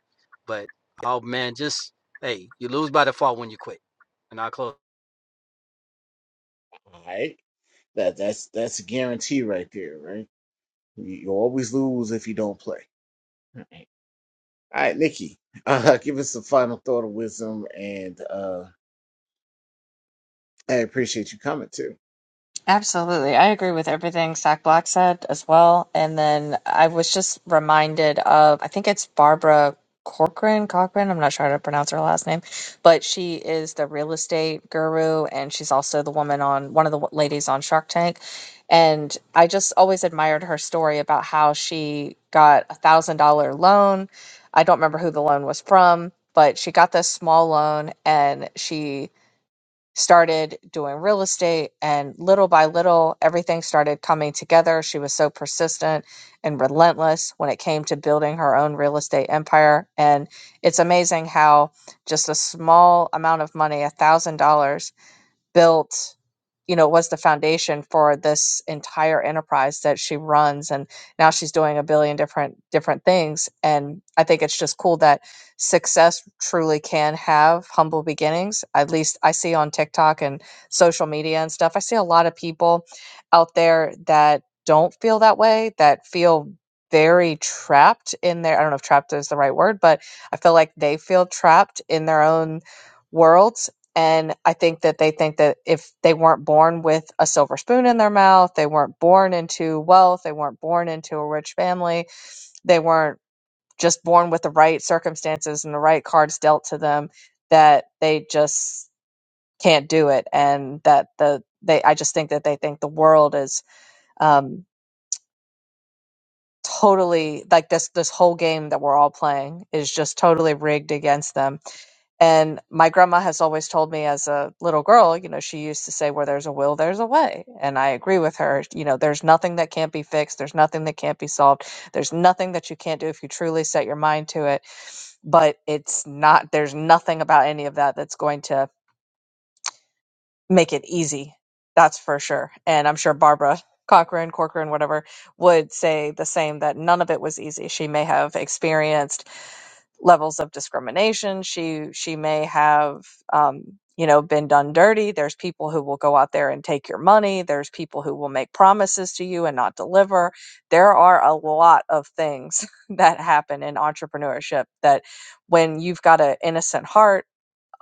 Speaker 6: But oh man, just hey, you lose by default when you quit. And I'll close.
Speaker 1: All right, that that's that's a guarantee right there, right? You, you always lose if you don't play. All right, Nikki, uh, [LAUGHS] give us a final thought of wisdom, and uh, I appreciate you coming too.
Speaker 5: Absolutely. I agree with everything Zach Black said as well. And then I was just reminded of, I think it's Barbara Corcoran, Cochran. I'm not sure how to pronounce her last name, but she is the real estate guru. And she's also the woman on one of the ladies on Shark Tank. And I just always admired her story about how she got a thousand dollar loan. I don't remember who the loan was from, but she got this small loan and she started doing real estate and little by little everything started coming together she was so persistent and relentless when it came to building her own real estate empire and it's amazing how just a small amount of money a thousand dollars built you know was the foundation for this entire enterprise that she runs and now she's doing a billion different different things and i think it's just cool that success truly can have humble beginnings at least i see on tiktok and social media and stuff i see a lot of people out there that don't feel that way that feel very trapped in their i don't know if trapped is the right word but i feel like they feel trapped in their own worlds and I think that they think that if they weren't born with a silver spoon in their mouth, they weren't born into wealth, they weren't born into a rich family, they weren't just born with the right circumstances and the right cards dealt to them, that they just can't do it. And that the, they, I just think that they think the world is, um, totally like this, this whole game that we're all playing is just totally rigged against them And my grandma has always told me as a little girl, you know, she used to say, where there's a will, there's a way. And I agree with her. You know, there's nothing that can't be fixed. There's nothing that can't be solved. There's nothing that you can't do if you truly set your mind to it. But it's not, there's nothing about any of that that's going to make it easy. That's for sure. And I'm sure Barbara Cochran, Corcoran, whatever, would say the same that none of it was easy. She may have experienced levels of discrimination. She she may have um, you know been done dirty. There's people who will go out there and take your money. There's people who will make promises to you and not deliver. There are a lot of things [LAUGHS] that happen in entrepreneurship that when you've got an innocent heart,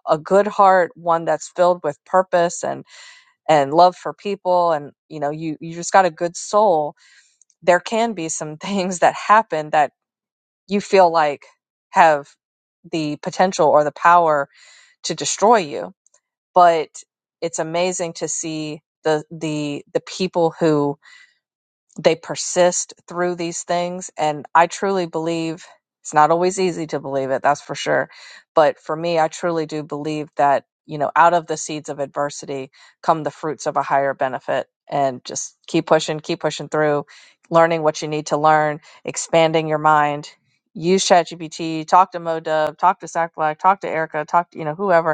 Speaker 5: a good heart, one that's filled with purpose and and love for people and you know you you just got a good soul, there can be some [LAUGHS] things that happen that you feel like have the potential or the power to destroy you but it's amazing to see the the the people who they persist through these things. And I truly believe it's not always easy to believe it, that's for sure. But for me, I truly do believe that, you know, out of the seeds of adversity come the fruits of a higher benefit. And just keep pushing, keep pushing through, learning what you need to learn, expanding your mind. Use ChatGPT, talk to MoDub, talk to Sack Black, talk to Erica, talk to, you know, whoever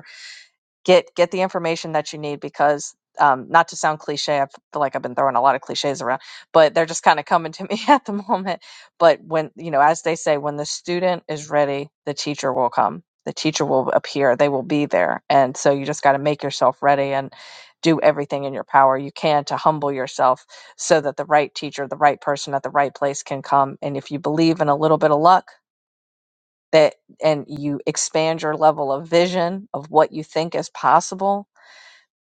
Speaker 5: get get the information that you need because um, not to sound cliche, I feel like I've been throwing a lot of cliches around, but they're just kind of coming to me [LAUGHS] at the moment. But when you know, as they say, when the student is ready, the teacher will come. The teacher will appear. They will be there, and so you just got to make yourself ready and do everything in your power you can to humble yourself so that the right teacher, the right person at the right place can come. And if you believe in a little bit of luck, that and you expand your level of vision of what you think is possible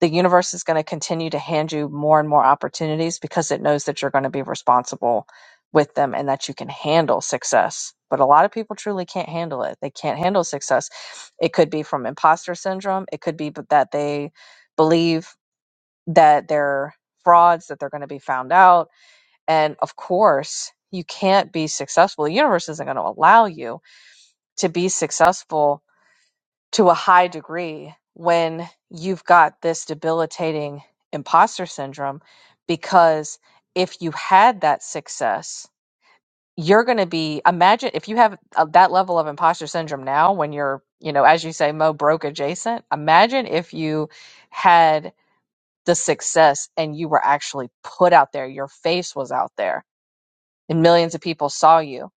Speaker 5: the universe is going to continue to hand you more and more opportunities because it knows that you're going to be responsible with them and that you can handle success. But a lot of people truly can't handle it. They can't handle success. It could be from imposter syndrome, it could be b- that they believe that they're frauds, that they're going to be found out. And of course, you can't be successful. The universe isn't going to allow you to be successful to a high degree when you've got this debilitating imposter syndrome because if you had that success you're going to be imagine if you have uh, that level of imposter syndrome now when you're you know as you say mo broke adjacent imagine if you had the success and you were actually put out there your face was out there and millions of people saw you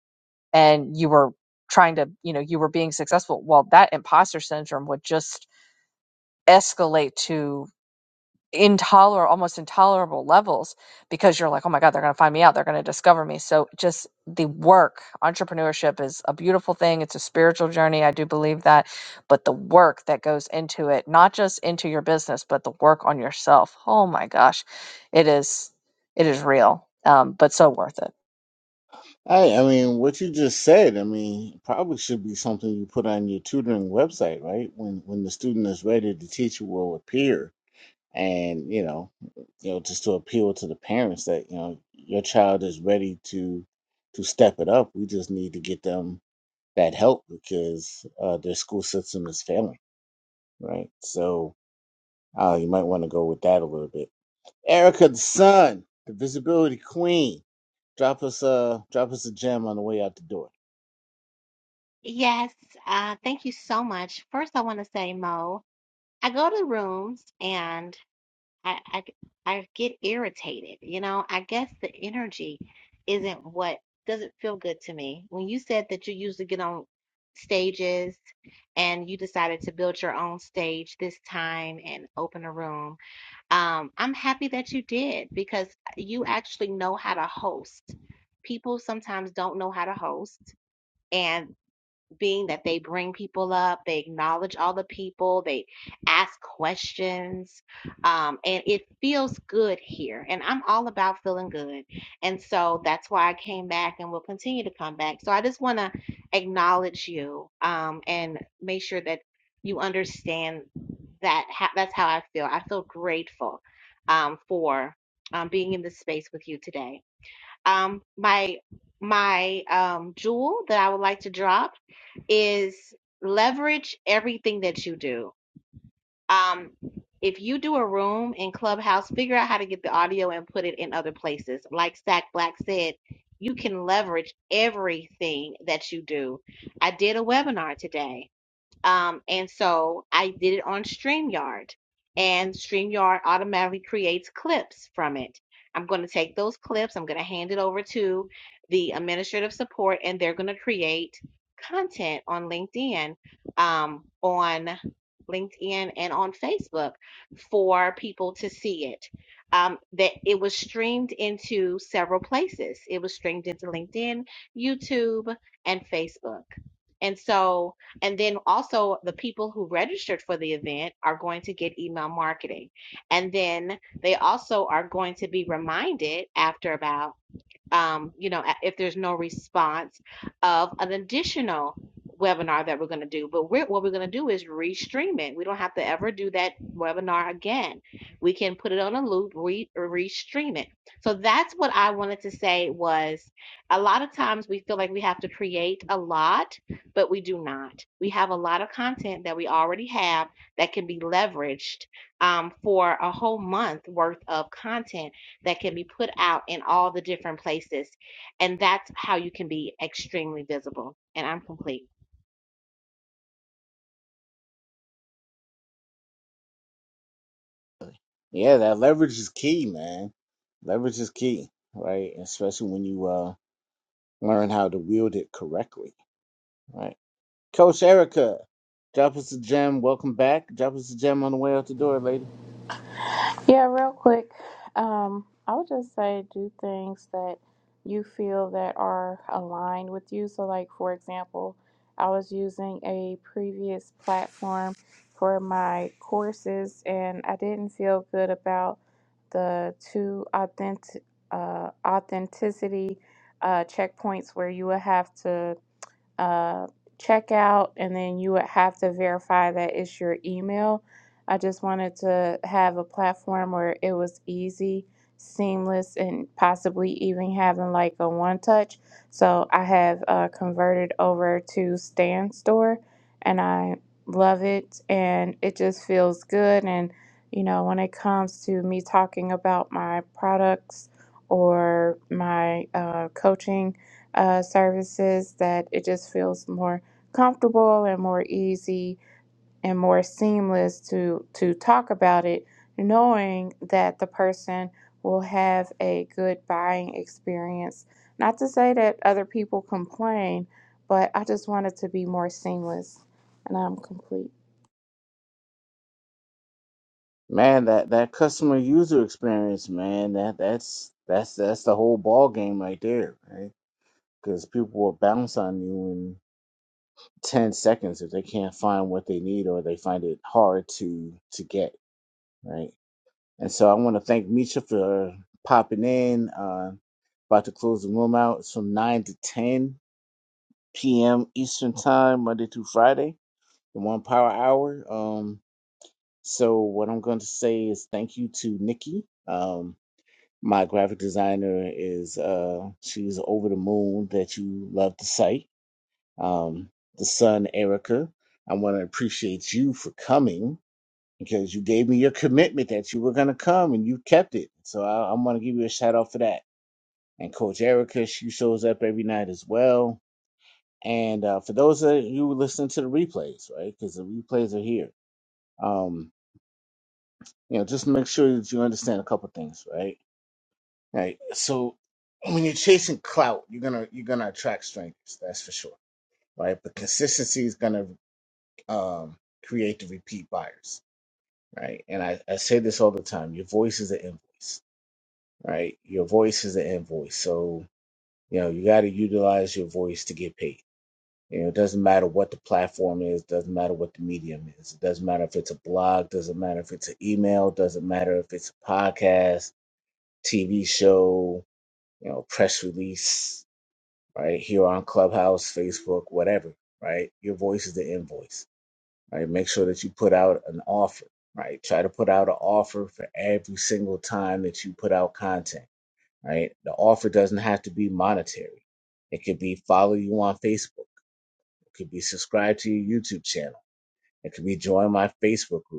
Speaker 5: and you were trying to you know you were being successful well that imposter syndrome would just escalate to intolerable almost intolerable levels because you're like oh my god they're going to find me out they're going to discover me so just the work entrepreneurship is a beautiful thing it's a spiritual journey i do believe that but the work that goes into it not just into your business but the work on yourself oh my gosh it is it is real um, but so worth it
Speaker 1: I, I mean, what you just said, I mean, probably should be something you put on your tutoring website, right? When when the student is ready, the teacher will appear, and you know, you know, just to appeal to the parents that you know your child is ready to to step it up. We just need to get them that help because uh, their school system is failing, right? So uh, you might want to go with that a little bit. Erica, the son, the visibility queen, drop us a drop us a gem on the way out the door.
Speaker 4: Yes, uh, thank you so much. First, I want to say, Mo, I go to rooms, and I I I get irritated, you know. I guess the energy isn't what doesn't feel good to me. When you said that you used to get on stages and you decided to build your own stage this time and open a room, um, I'm happy that you did because you actually know how to host. People sometimes don't know how to host, and being that they bring people up, they acknowledge all the people, they ask questions, um, and it feels good here. And I'm all about feeling good. And so that's why I came back and will continue to come back. So I just want to acknowledge you um, and make sure that you understand that ha- that's how I feel. I feel grateful um, for um, being in this space with you today. Um, my my um, jewel that I would like to drop is leverage everything that you do. Um, if you do a room in Clubhouse, figure out how to get the audio and put it in other places. Like Stack Black said, you can leverage everything that you do. I did a webinar today um, and so I did it on StreamYard, and StreamYard automatically creates clips from it. I'm going to take those clips, I'm going to hand it over to the administrative support, and they're going to create content on LinkedIn, um, on LinkedIn and on Facebook for people to see it. Um, that it was streamed into several places. It was streamed into LinkedIn, YouTube, and Facebook. And so and then also, the people who registered for the event are going to get email marketing. And then they also are going to be reminded after about um, you know, if there's no response of an additional webinar that we're going to do. But we're, what we're going to do is restream it. We don't have to ever do that webinar again. We can put it on a loop, re, restream it. So that's what I wanted to say was a lot of times we feel like we have to create a lot, but we do not. We have a lot of content that we already have that can be leveraged um, for a whole month worth of content that can be put out in all the different places. And that's how you can be extremely visible. And I'm complete.
Speaker 1: Yeah, that leverage is key, man. Leverage is key, right? Especially when you uh learn how to wield it correctly, right? Coach Erica, drop us a gem. Welcome back. Drop us a gem on the way out the door, lady.
Speaker 2: Yeah, real quick. Um, I would just say do things that you feel that are aligned with you. So, like for example, I was using a previous platform for my courses, and I didn't feel good about the two authentic uh, authenticity uh, checkpoints where you would have to uh, checkout, and then you would have to verify that it's your email. I just wanted to have a platform where it was easy, seamless, and possibly even having like a one touch. So I have uh, converted over to Stand Store, and I love it, and it just feels good. And you know, when it comes to me talking about my products or my uh, coaching uh, services that it just feels more comfortable and more easy and more seamless to to talk about it knowing that the person will have a good buying experience not to say that other people complain but i just want it to be more seamless and i'm complete
Speaker 1: Man, that that customer user experience, man, that that's that's that's the whole ball game right there, right? Because people will bounce on you in ten seconds if they can't find what they need or they find it hard to to get, right? And so I want to thank Misha for popping in. Uh, about to close the room out. It's from 9 to 10 p.m. Eastern Time, Monday through Friday, the one power hour. Um, so, what I'm going to say is thank you to Nikki. Um, my graphic designer is, uh, she's over the moon that you love the site. Um, the son, Erica. I want to appreciate you for coming. because you gave me your commitment that you were going to come and you kept it. So I, I'm going to give you a shout out for that. And Coach Erica, she shows up every night as well. And uh, for those of you listening to the replays, right? Because the replays are here. Um, you know, just make sure that you understand a couple things, right? Right. So when you're chasing clout, you're gonna you're gonna attract strangers. That's for sure, right? But consistency is gonna um, create the repeat buyers, right? And I, I say this all the time: your voice is an invoice right? Your voice is an invoice. So, you know, you got to utilize your voice to get paid. You know, it doesn't matter what the platform is, doesn't matter what the medium is. It doesn't matter if it's a blog, doesn't matter if it's an email, doesn't matter if it's a podcast, TV show, you know, press release, right? Here on Clubhouse, Facebook, whatever, right? Your voice is the invoice, right? Make sure that you put out an offer, right? Try to put out an offer for every single time that you put out content right? The offer doesn't have to be monetary. It could be follow you on Facebook. It could be subscribe to your YouTube channel. It could be join my Facebook group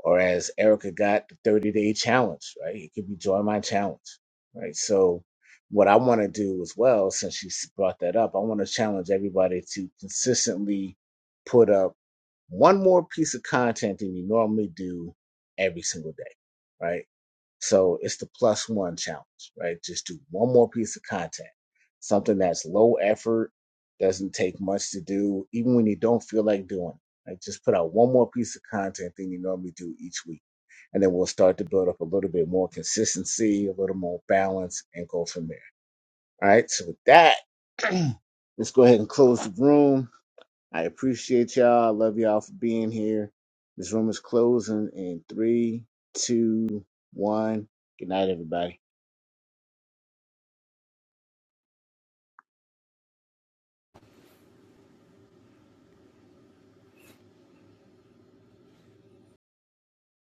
Speaker 1: or as Erica got the 30 day challenge, right? It could be join my challenge, right? So, what I want to do as well, since she brought that up, I want to challenge everybody to consistently put up one more piece of content than you normally do every single day, right? So it's the plus one challenge, right? Just do one more piece of content, something that's low effort, doesn't take much to do, even when you don't feel like doing it like just put out one more piece of content than you normally do each week. And then we'll start to build up a little bit more consistency, a little more balance, and go from there. All right. So with that, [CLEARS THROAT] let's go ahead and close the room. I appreciate y'all. I love y'all for being here. This room is closing in three, two, one. Good night, everybody.